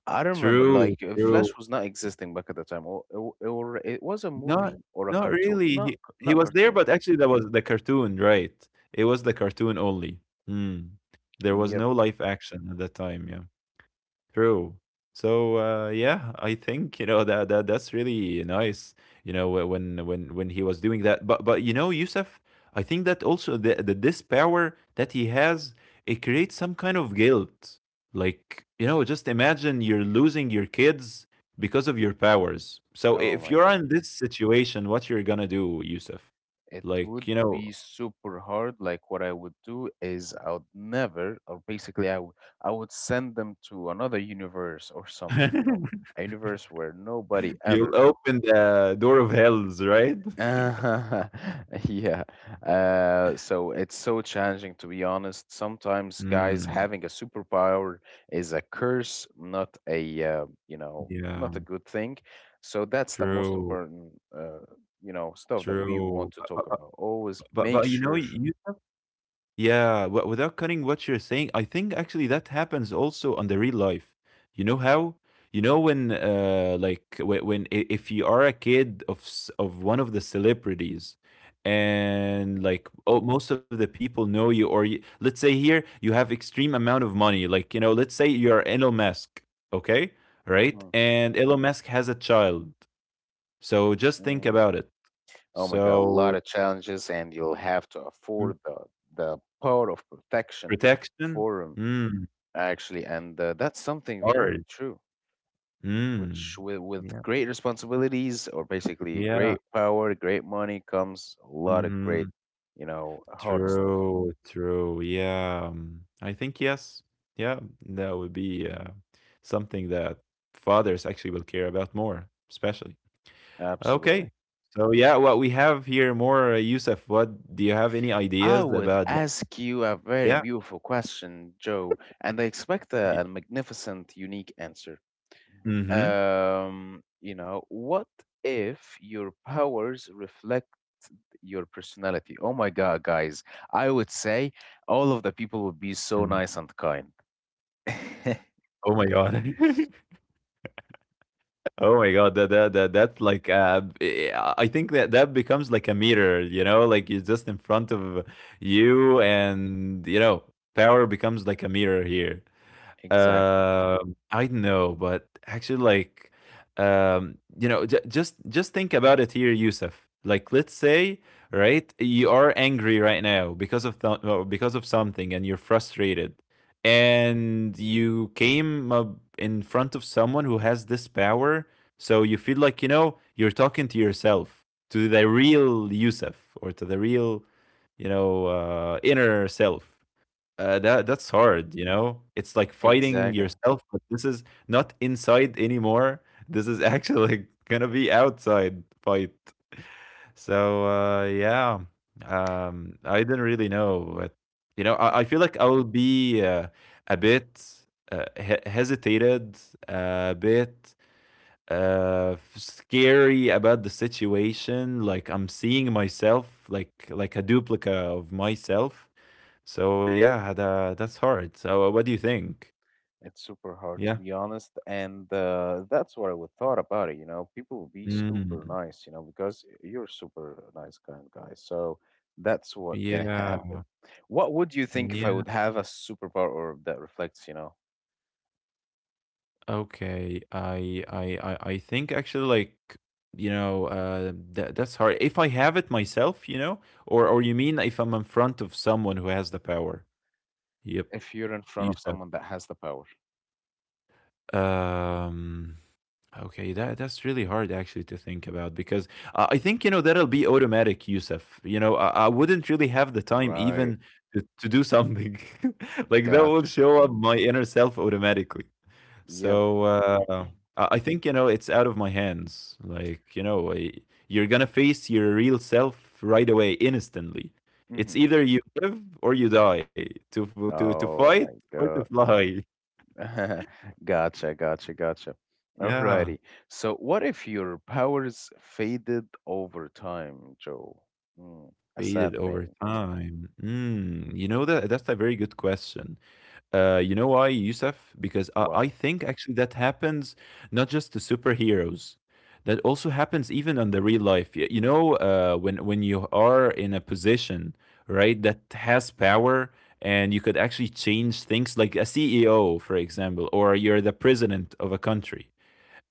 Speaker 1: I don't remember
Speaker 2: True,
Speaker 1: like uh,
Speaker 2: true.
Speaker 1: Flash was not existing back at the time, or, or, or it was a
Speaker 2: Not
Speaker 1: movie or a
Speaker 2: not
Speaker 1: cartoon,
Speaker 2: really.
Speaker 1: not
Speaker 2: He he
Speaker 1: not
Speaker 2: was there,
Speaker 1: cartoon.
Speaker 2: but actually that was the cartoon, right? It was the cartoon only. Mm. There was no
Speaker 1: Yep.
Speaker 2: live action at that time, yeah. True. So uh, yeah, I think you know that that that's really nice. You know wh- when when when he was doing that, but but you know, Yusuf, I think that also the, the this power that he has, it creates some kind of guilt. Like you know, just imagine you're losing your kids because of your powers. So
Speaker 1: Oh
Speaker 2: if
Speaker 1: my
Speaker 2: you're
Speaker 1: God.
Speaker 2: in this situation, what you're gonna do, Yusuf?
Speaker 1: It
Speaker 2: Like
Speaker 1: would
Speaker 2: you
Speaker 1: be
Speaker 2: know,
Speaker 1: super hard. Like what I would do is I would never, or basically I would I would send them to another universe or something, you know, a universe where nobody
Speaker 2: you'll
Speaker 1: ever.
Speaker 2: open the door of hells, right?
Speaker 1: Yeah. Uh, so it's so challenging to be honest. Sometimes guys
Speaker 2: Mm,
Speaker 1: having a superpower is a curse, not a uh, you know,
Speaker 2: yeah.
Speaker 1: not a good thing. So that's the most
Speaker 2: True,
Speaker 1: important uh, you know stuff that we want
Speaker 2: true.
Speaker 1: to
Speaker 2: But but
Speaker 1: talk
Speaker 2: but
Speaker 1: about always
Speaker 2: but
Speaker 1: make
Speaker 2: but, you know,
Speaker 1: sure.
Speaker 2: you yeah, w without cutting what you're saying, I think actually that happens also on the real life. You know how? You know when uh like when, when i- if you are a kid of s- of one of the celebrities, and
Speaker 1: Mm,
Speaker 2: like oh most of the people know you, or you, let's say here you have extreme amount of money, like you know, let's say you're Elon Musk, okay? Right?
Speaker 1: mhm,
Speaker 2: And Elon Musk has a child. So just think
Speaker 1: mm.
Speaker 2: about it.
Speaker 1: Oh my God, a lot
Speaker 2: So
Speaker 1: of challenges, and you'll have to
Speaker 2: Mm.
Speaker 1: afford the the power of protection
Speaker 2: Protection?
Speaker 1: for him
Speaker 2: Mm,
Speaker 1: actually, and uh, that's something very
Speaker 2: hard.
Speaker 1: true.
Speaker 2: Mm.
Speaker 1: Which with with
Speaker 2: Yeah.
Speaker 1: great responsibilities, or basically
Speaker 2: Yeah.
Speaker 1: great power, great money, comes a lot of great,
Speaker 2: Mhm.
Speaker 1: you know, hard stuff.
Speaker 2: True, true. Yeah. Um, I think yes. Yeah, that would be uh, something that fathers actually will care about more, especially.
Speaker 1: Absolutely.
Speaker 2: Okay. So yeah, what we have here more, uh, Yusuf, what do you have any
Speaker 1: I
Speaker 2: ideas
Speaker 1: would
Speaker 2: about like
Speaker 1: ask you a very
Speaker 2: yeah.
Speaker 1: beautiful question, Joe, and I expect a, a magnificent, unique answer.
Speaker 2: Mm-hmm.
Speaker 1: Um, you know, what if your powers reflect your personality? Oh my God, guys, I would say all of the people would be so
Speaker 2: Mm.
Speaker 1: nice and kind.
Speaker 2: Oh my God. Oh my God, that that that that's like uh, eh, I think that that becomes like a mirror, you know, like you just in front of you, and you know, power becomes like a mirror here.
Speaker 1: Exactly.
Speaker 2: Um, I know, but actually, like, um, you know, j- just just think about it here, Yusuf. Like, let's say, right, you are angry right now because of th- uh, because of something, and you're frustrated, and you came up in front of someone who has this power, so you feel like you know you're talking to yourself, to the real Yusuf, or to the real, you know, uh, inner self. Uh, that
Speaker 1: Mhm.
Speaker 2: that's hard, you know? It's like fighting
Speaker 1: Exactly.
Speaker 2: yourself, but this is not inside anymore. This is actually gonna be outside fight. So uh yeah. Um I didn't really know, but you know, I, I feel like I will be uh, a bit uh, he- hesitated, a bit uh f- scary about the situation, like I'm seeing myself like like a duplicate of myself. So yeah, tha that's hard. So uh, what do you think?
Speaker 1: It's super hard to
Speaker 2: Yeah.
Speaker 1: be honest, and uh, that's what I would thought about it. You know, people would be super
Speaker 2: Mm.
Speaker 1: nice, you know, because you're a super nice kind guy. So that's what can happen.
Speaker 2: Yeah.
Speaker 1: What would you think if I
Speaker 2: Yeah.
Speaker 1: would have a superpower or that reflects, you know,
Speaker 2: Okay. I I I I think actually like, you know, uh, that that's hard. If I have it myself, you know, or or you mean if I'm in front of someone who has the power? Yep.
Speaker 1: if you're in
Speaker 2: You
Speaker 1: front of
Speaker 2: said.
Speaker 1: someone that has the power?
Speaker 2: Um. Okay, that that's really hard actually to think about because uh, I think you know that'll be automatic, Yusuf. You know, I, I wouldn't really have the time
Speaker 1: Right.
Speaker 2: even to, to do something like that would
Speaker 1: Gotcha.
Speaker 2: show up my inner self automatically.
Speaker 1: Yep.
Speaker 2: So uh, I I think you know it's out of my hands. Like you know, I, you're gonna face your real self right away, instantly.
Speaker 1: Hmm.
Speaker 2: It's either you live or you die to to to
Speaker 1: Oh
Speaker 2: fight
Speaker 1: my
Speaker 2: or to
Speaker 1: God.
Speaker 2: fly.
Speaker 1: Gotcha, gotcha, gotcha. Alrighty.
Speaker 2: Yeah.
Speaker 1: So, what if your powers faded over time, Joe? Mm, a sad
Speaker 2: Faded
Speaker 1: thing.
Speaker 2: over time. Mm, you know that that's a very good question. Uh, you know why, Yusuf? Because I,
Speaker 1: Why?
Speaker 2: I think actually that happens not just to superheroes. That also happens even on the real life. Y- You know, uh, when when you are in a position, right, that has power and you could actually change things, like a C E O, for example, or you're the president of a country,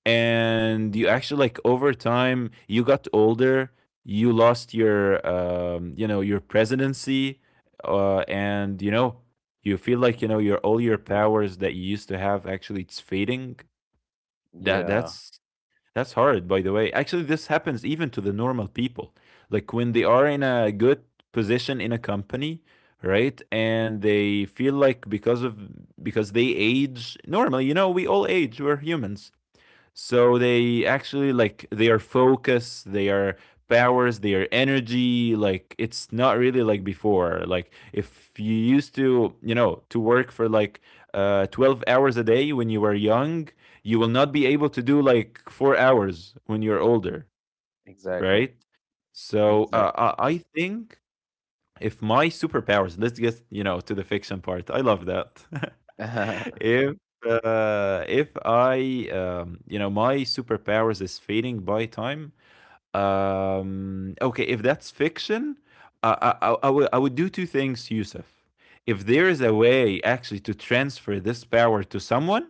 Speaker 2: and you actually like over time you got older, you lost your um, you know your presidency, uh, and you know you feel like you know
Speaker 1: Mhm.
Speaker 2: your all your powers that you used to have, actually it's fading. That
Speaker 1: Yeah,
Speaker 2: that's that's hard, by the way. Actually, this happens even to the normal people, like when they are in a good position in a company, right, and they feel like because of because they age normally, you know, we all age, we're humans. So they actually like their focus, their powers, their energy, like it's not really like before. Like if you used to, you know, to work for like uh twelve hours a day when you were young, you will not be able to do like four hours when you're older,
Speaker 1: exactly.
Speaker 2: right? So uh,
Speaker 1: Exactly.
Speaker 2: I I think if my superpowers, let's get you know to the fiction part, I love that. if uh, if I um, you know my superpowers is fading by time, um okay, if that's fiction, i i, I, I would, I would do two things, Yusuf. If there
Speaker 1: Mhm.
Speaker 2: is a way actually to transfer this power to someone,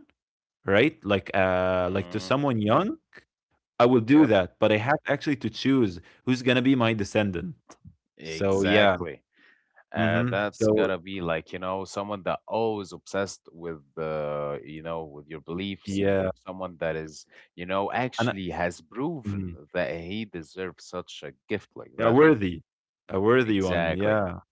Speaker 2: right, like uh like to
Speaker 1: Mm,
Speaker 2: someone young, I will do
Speaker 1: yep,
Speaker 2: that, but I have actually to choose who's gonna be my descendant. So yeah.
Speaker 1: exactly. Uh,
Speaker 2: Hmm.
Speaker 1: that's
Speaker 2: So
Speaker 1: gotta be like, you know, someone that always obsessed with uh, you know, with your beliefs,
Speaker 2: yeah,
Speaker 1: someone that is, you know,
Speaker 2: and I,
Speaker 1: actually has proven
Speaker 2: mhm,
Speaker 1: that he deserves such a gift like
Speaker 2: a
Speaker 1: that.
Speaker 2: worthy, a worthy one,
Speaker 1: Exactly,
Speaker 2: yeah.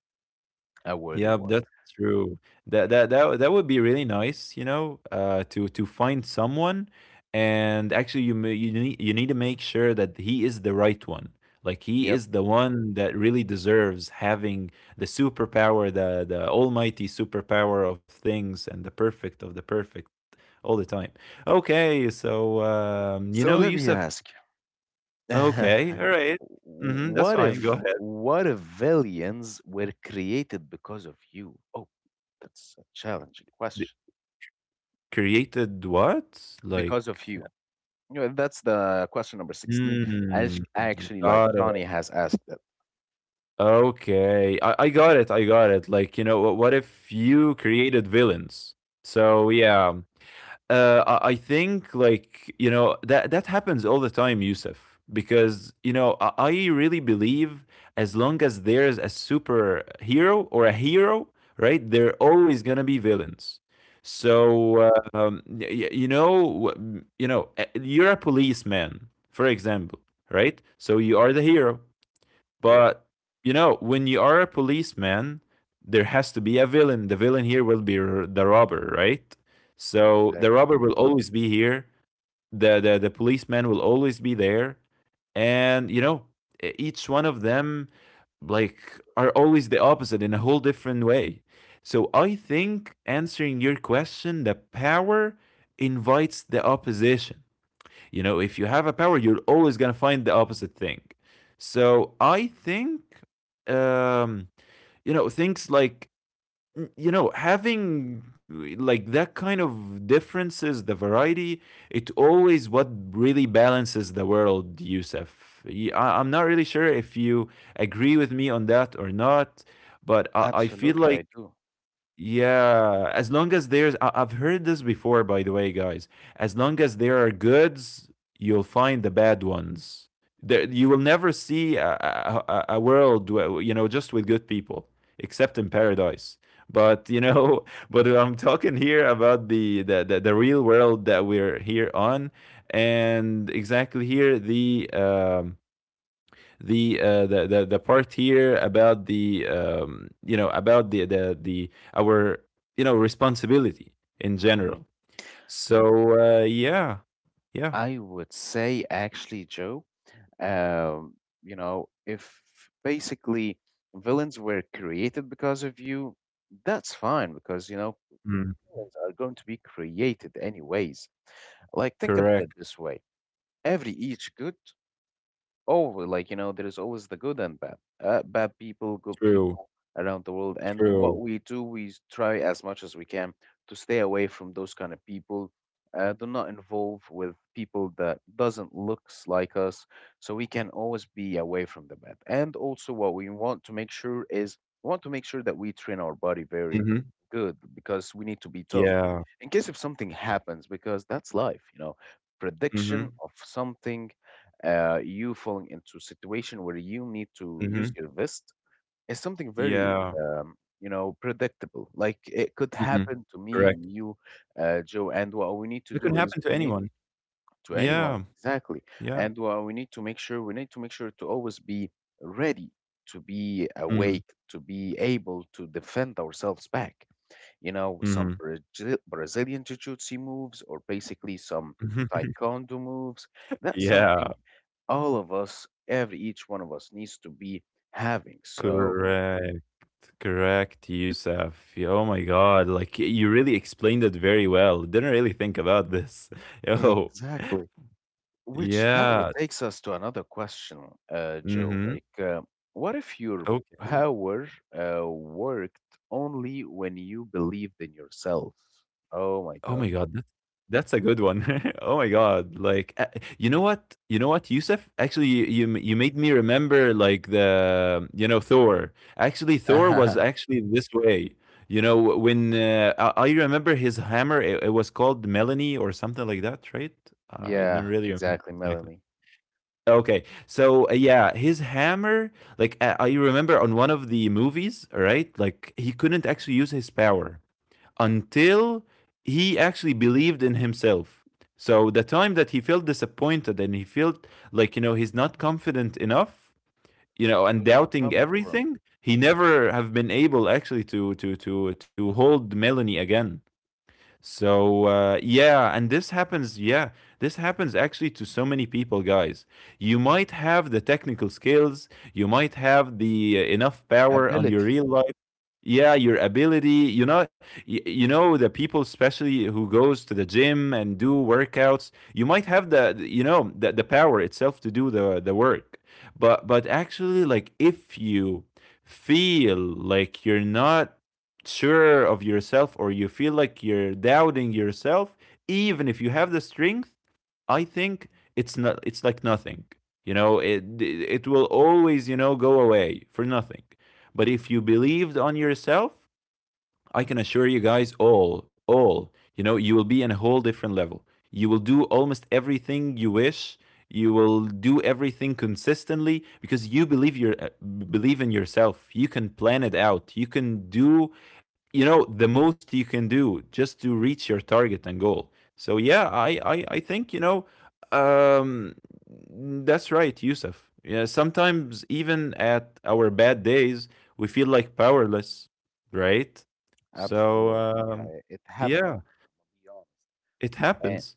Speaker 1: a worthy
Speaker 2: Yeah,
Speaker 1: one.
Speaker 2: that's true. That that that that would be really nice, you know, uh, to to find someone, and actually, you ma- you need you need to make sure that he is the right one. Like he
Speaker 1: Yep.
Speaker 2: is the one that really deserves having the superpower, the the almighty superpower of things, and the perfect of the perfect all the time. Okay, so um, you
Speaker 1: So
Speaker 2: know,
Speaker 1: let me
Speaker 2: Yusuf.
Speaker 1: ask you,
Speaker 2: Okay, all right. Mm-hmm, that's
Speaker 1: what
Speaker 2: fine. Go
Speaker 1: if
Speaker 2: ahead.
Speaker 1: what if villains were created because of you? Oh, that's a challenging
Speaker 2: The
Speaker 1: question.
Speaker 2: created what? Like
Speaker 1: Because of you. You know, that's the question number sixteen. I
Speaker 2: Mm,
Speaker 1: actually like
Speaker 2: got it.
Speaker 1: Johnny has asked that.
Speaker 2: Okay. I, I got it. I got it. Like, you know, what, what if you created villains? So, yeah, Uh, I I think like you know that that happens all the time, Yusuf. Because you know I I really believe as long as there's a superhero or a hero, right? There are always gonna be villains. So
Speaker 1: Mhm,
Speaker 2: uh, um, y- you know w- you know uh, you're a policeman, for
Speaker 1: mhm.
Speaker 2: example, right? So you are the hero.
Speaker 1: Yep.
Speaker 2: But you know, when you are a policeman, there has to be a villain. The villain here will be r- the robber, right? So the
Speaker 1: Exactly.
Speaker 2: robber will always be here. The the the policeman will always be there, and you know, e- each one of them like are always the opposite in a whole different way. So I think answering your question, the power invites the opposition. You know, if you have a power, you're always gonna find the opposite thing. So I think, um, you know, things like you know having like that kind of differences, the variety, it always what really balances the world, Yusuf. I am not really sure if you agree with me on that or not, but I, I feel
Speaker 1: Absolutely,
Speaker 2: like
Speaker 1: I do.
Speaker 2: yeah, as long as there's, I- I've heard this before, by the way, guys. As long as there are goods, you'll find the bad ones. There, you will never see a, a, a- a world, where, you know, just with good people, except in paradise. But you know, but I'm talking here about the the, the, the real world that we're here on, and exactly here the um, the uh, the, the the part here about the um, you know about the the the our you know responsibility in
Speaker 1: Mhm.
Speaker 2: general. So uh, yeah, yeah,
Speaker 1: I would say actually, Joe. Um, you know, if basically villains were created because of you, that's fine because, you know,
Speaker 2: Mm.
Speaker 1: villains are going to be created anyways. Like, think about
Speaker 2: Correct,
Speaker 1: it this way every each good. Oh, like you know, there is always the good and bad. Uh, bad people, good
Speaker 2: true,
Speaker 1: people around the world. And what
Speaker 2: true.
Speaker 1: we do, we s- try as much as we can to stay away from those kind of people. Uh, do not involve with people that doesn't looks like us, so we can always be away from the bad. And also, what we want to make sure is we want to make sure that we train our body very
Speaker 2: Hmm.
Speaker 1: good because we need to be tough
Speaker 2: Yeah.
Speaker 1: in case if something happens, because that's life, you know. Prediction
Speaker 2: Hmm.
Speaker 1: of something uh, you falling into a situation where you need to use
Speaker 2: Hmm.
Speaker 1: your vest is something very
Speaker 2: Yeah.
Speaker 1: um, you know predictable like it could
Speaker 2: Hmm.
Speaker 1: happen to me
Speaker 2: Correct.
Speaker 1: and you uh, joe and what we need to
Speaker 2: It can
Speaker 1: do is
Speaker 2: happen to
Speaker 1: we need
Speaker 2: anyone.
Speaker 1: to anyone
Speaker 2: Yeah.
Speaker 1: exactly
Speaker 2: Yeah.
Speaker 1: and what we need to make sure we need to make sure to always be ready to be awake to be able to defend ourselves back you know,
Speaker 2: Mm-hmm.
Speaker 1: some Brazil- Brazilian jiu-jitsu moves or basically some taekwondo moves. That's something
Speaker 2: yeah.
Speaker 1: all of us, every each one of us needs to be having. So
Speaker 2: Correct. Correct, Yusuf. Oh my God. Like you really explained it very well. Didn't really think about this. Oh,
Speaker 1: exactly. Which that would
Speaker 2: yeah.
Speaker 1: takes us to another question, uh, Joe.
Speaker 2: Mm-hmm.
Speaker 1: Like, uh, what if your
Speaker 2: Okay.
Speaker 1: power uh, worked only when you believed in yourself? Oh my
Speaker 2: Oh my
Speaker 1: God.
Speaker 2: God, that's that's a good one. Oh my God, like uh, you know what? You know what, Yusuf? Actually, you you m- you made me remember like the you know Thor. Actually, Thor was actually this way. You know when uh, I, I remember his hammer, it, it was called Melanie or something like that, right? I didn't
Speaker 1: Yeah,
Speaker 2: really remember
Speaker 1: exactly,
Speaker 2: exactly.
Speaker 1: Melanie.
Speaker 2: Okay, so uh, yeah, his hammer, like uh, I remember on one of the movies, right? Like he couldn't actually use his power until he actually believed in himself. So the time that he felt disappointed and he felt like you know he's not confident enough, you know,
Speaker 1: It
Speaker 2: and
Speaker 1: was not
Speaker 2: doubting
Speaker 1: coming from
Speaker 2: everything, he never have been able actually to to to to hold Melanie again. So uh, yeah, and this happens. Yeah, this happens actually to so many people, guys. You might have the technical skills, you might have the uh, enough power on your
Speaker 1: ability.
Speaker 2: real life. Yeah, your ability. You know, y- you know the people, especially who goes to the gym and do workouts. You might have the, the- you know, the, the power itself to do the the work. But but actually, like if you feel like you're not sure of yourself or you feel like you're doubting yourself, even if you have the strength, I think it's not it's like nothing. You know, it it will always, you know, go away for nothing. But if you believed on yourself, I can assure you guys all, all, you know, you will be in a whole different level. You will do almost everything you wish. You will do everything consistently because you believe your uh, believe in yourself. You can plan it out. You can do, you know, the most you can do just to reach your target and goal. So yeah, I I, I think you know, um, that's right, Yusuf. Yeah, sometimes even at our bad days, we feel like powerless, right? So,
Speaker 1: Absolutely. Yeah,
Speaker 2: um,
Speaker 1: it, it happened,
Speaker 2: yeah,
Speaker 1: to be honest.
Speaker 2: it happens.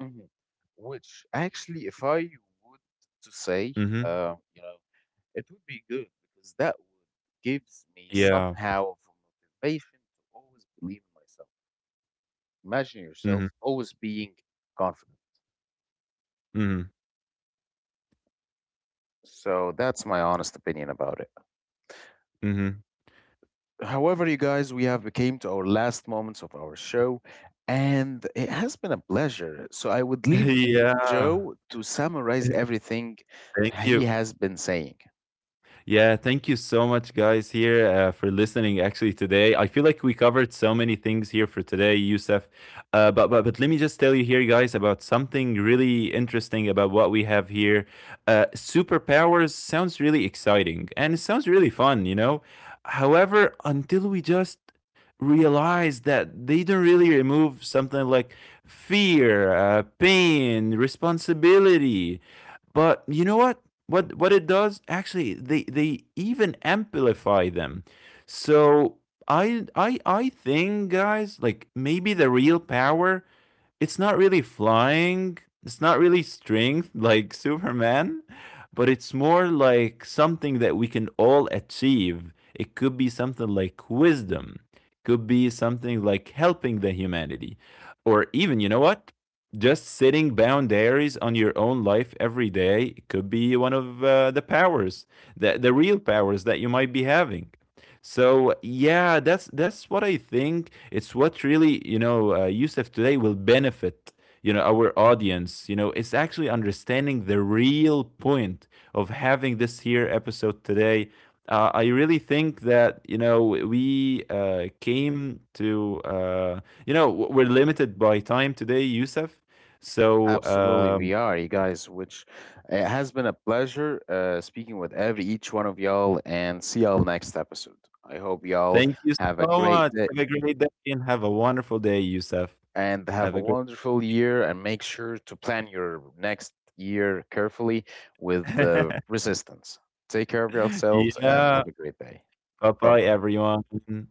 Speaker 1: And mhm. Which actually, if I would to say,
Speaker 2: Mhm.
Speaker 1: uh, you know, it would be good because that would gives me
Speaker 2: Yeah.
Speaker 1: somehow of a motivation to always believe in myself. Imagine
Speaker 2: Mhm.
Speaker 1: yourself always being confident.
Speaker 2: Mhm.
Speaker 1: So that's my honest opinion about it.
Speaker 2: Mhm.
Speaker 1: However, you guys, we have came to our last moments of our show, and it has been a pleasure. So I would leave
Speaker 2: Yeah.
Speaker 1: Joe to summarize everything
Speaker 2: Thank
Speaker 1: he
Speaker 2: you.
Speaker 1: has been saying.
Speaker 2: Yeah, thank you so much, guys, here uh, for listening. Actually, today I feel like we covered so many things here for today, Yusuf. Uh, but but but let me just tell you here, guys, about something really interesting about what we have here. Uh, superpowers sounds really exciting and it sounds really fun, you know. However, until we just realize that they don't really remove something like fear, uh, pain, responsibility, but you know what? What what it does? Actually, they they even amplify them. So I I I think guys, like maybe the real power it's not really flying, it's not really strength like Superman, but it's more like something that we can all achieve. It could be something like wisdom, could be something like helping the humanity, or even, you know what? Just setting boundaries on your own life every day. It could be one of uh, the powers, the, the real powers that you might be having. So yeah, that's that's what I think. It's what really you know, uh, Yusuf today will benefit you know our audience. You know, it's actually understanding the real point of having this here episode today. Uh, I really think that you know we uh, came to uh, you know we're limited by time today, Yusuf. So
Speaker 1: Absolutely,
Speaker 2: um,
Speaker 1: we are, you guys, which it has been a pleasure uh, speaking with every each one of y'all and see y'all next episode. I hope y'all
Speaker 2: thank you
Speaker 1: have a
Speaker 2: so
Speaker 1: great
Speaker 2: much.
Speaker 1: day
Speaker 2: Have a great day and have a wonderful day, Yusuf.
Speaker 1: and
Speaker 2: Have
Speaker 1: have
Speaker 2: a
Speaker 1: a
Speaker 2: great.
Speaker 1: wonderful year and make sure to plan your next year carefully with uh, resistance. Take care of yourselves and
Speaker 2: Yeah.
Speaker 1: have a great day.
Speaker 2: Bye
Speaker 1: Bye
Speaker 2: bye,
Speaker 1: bye.
Speaker 2: everyone.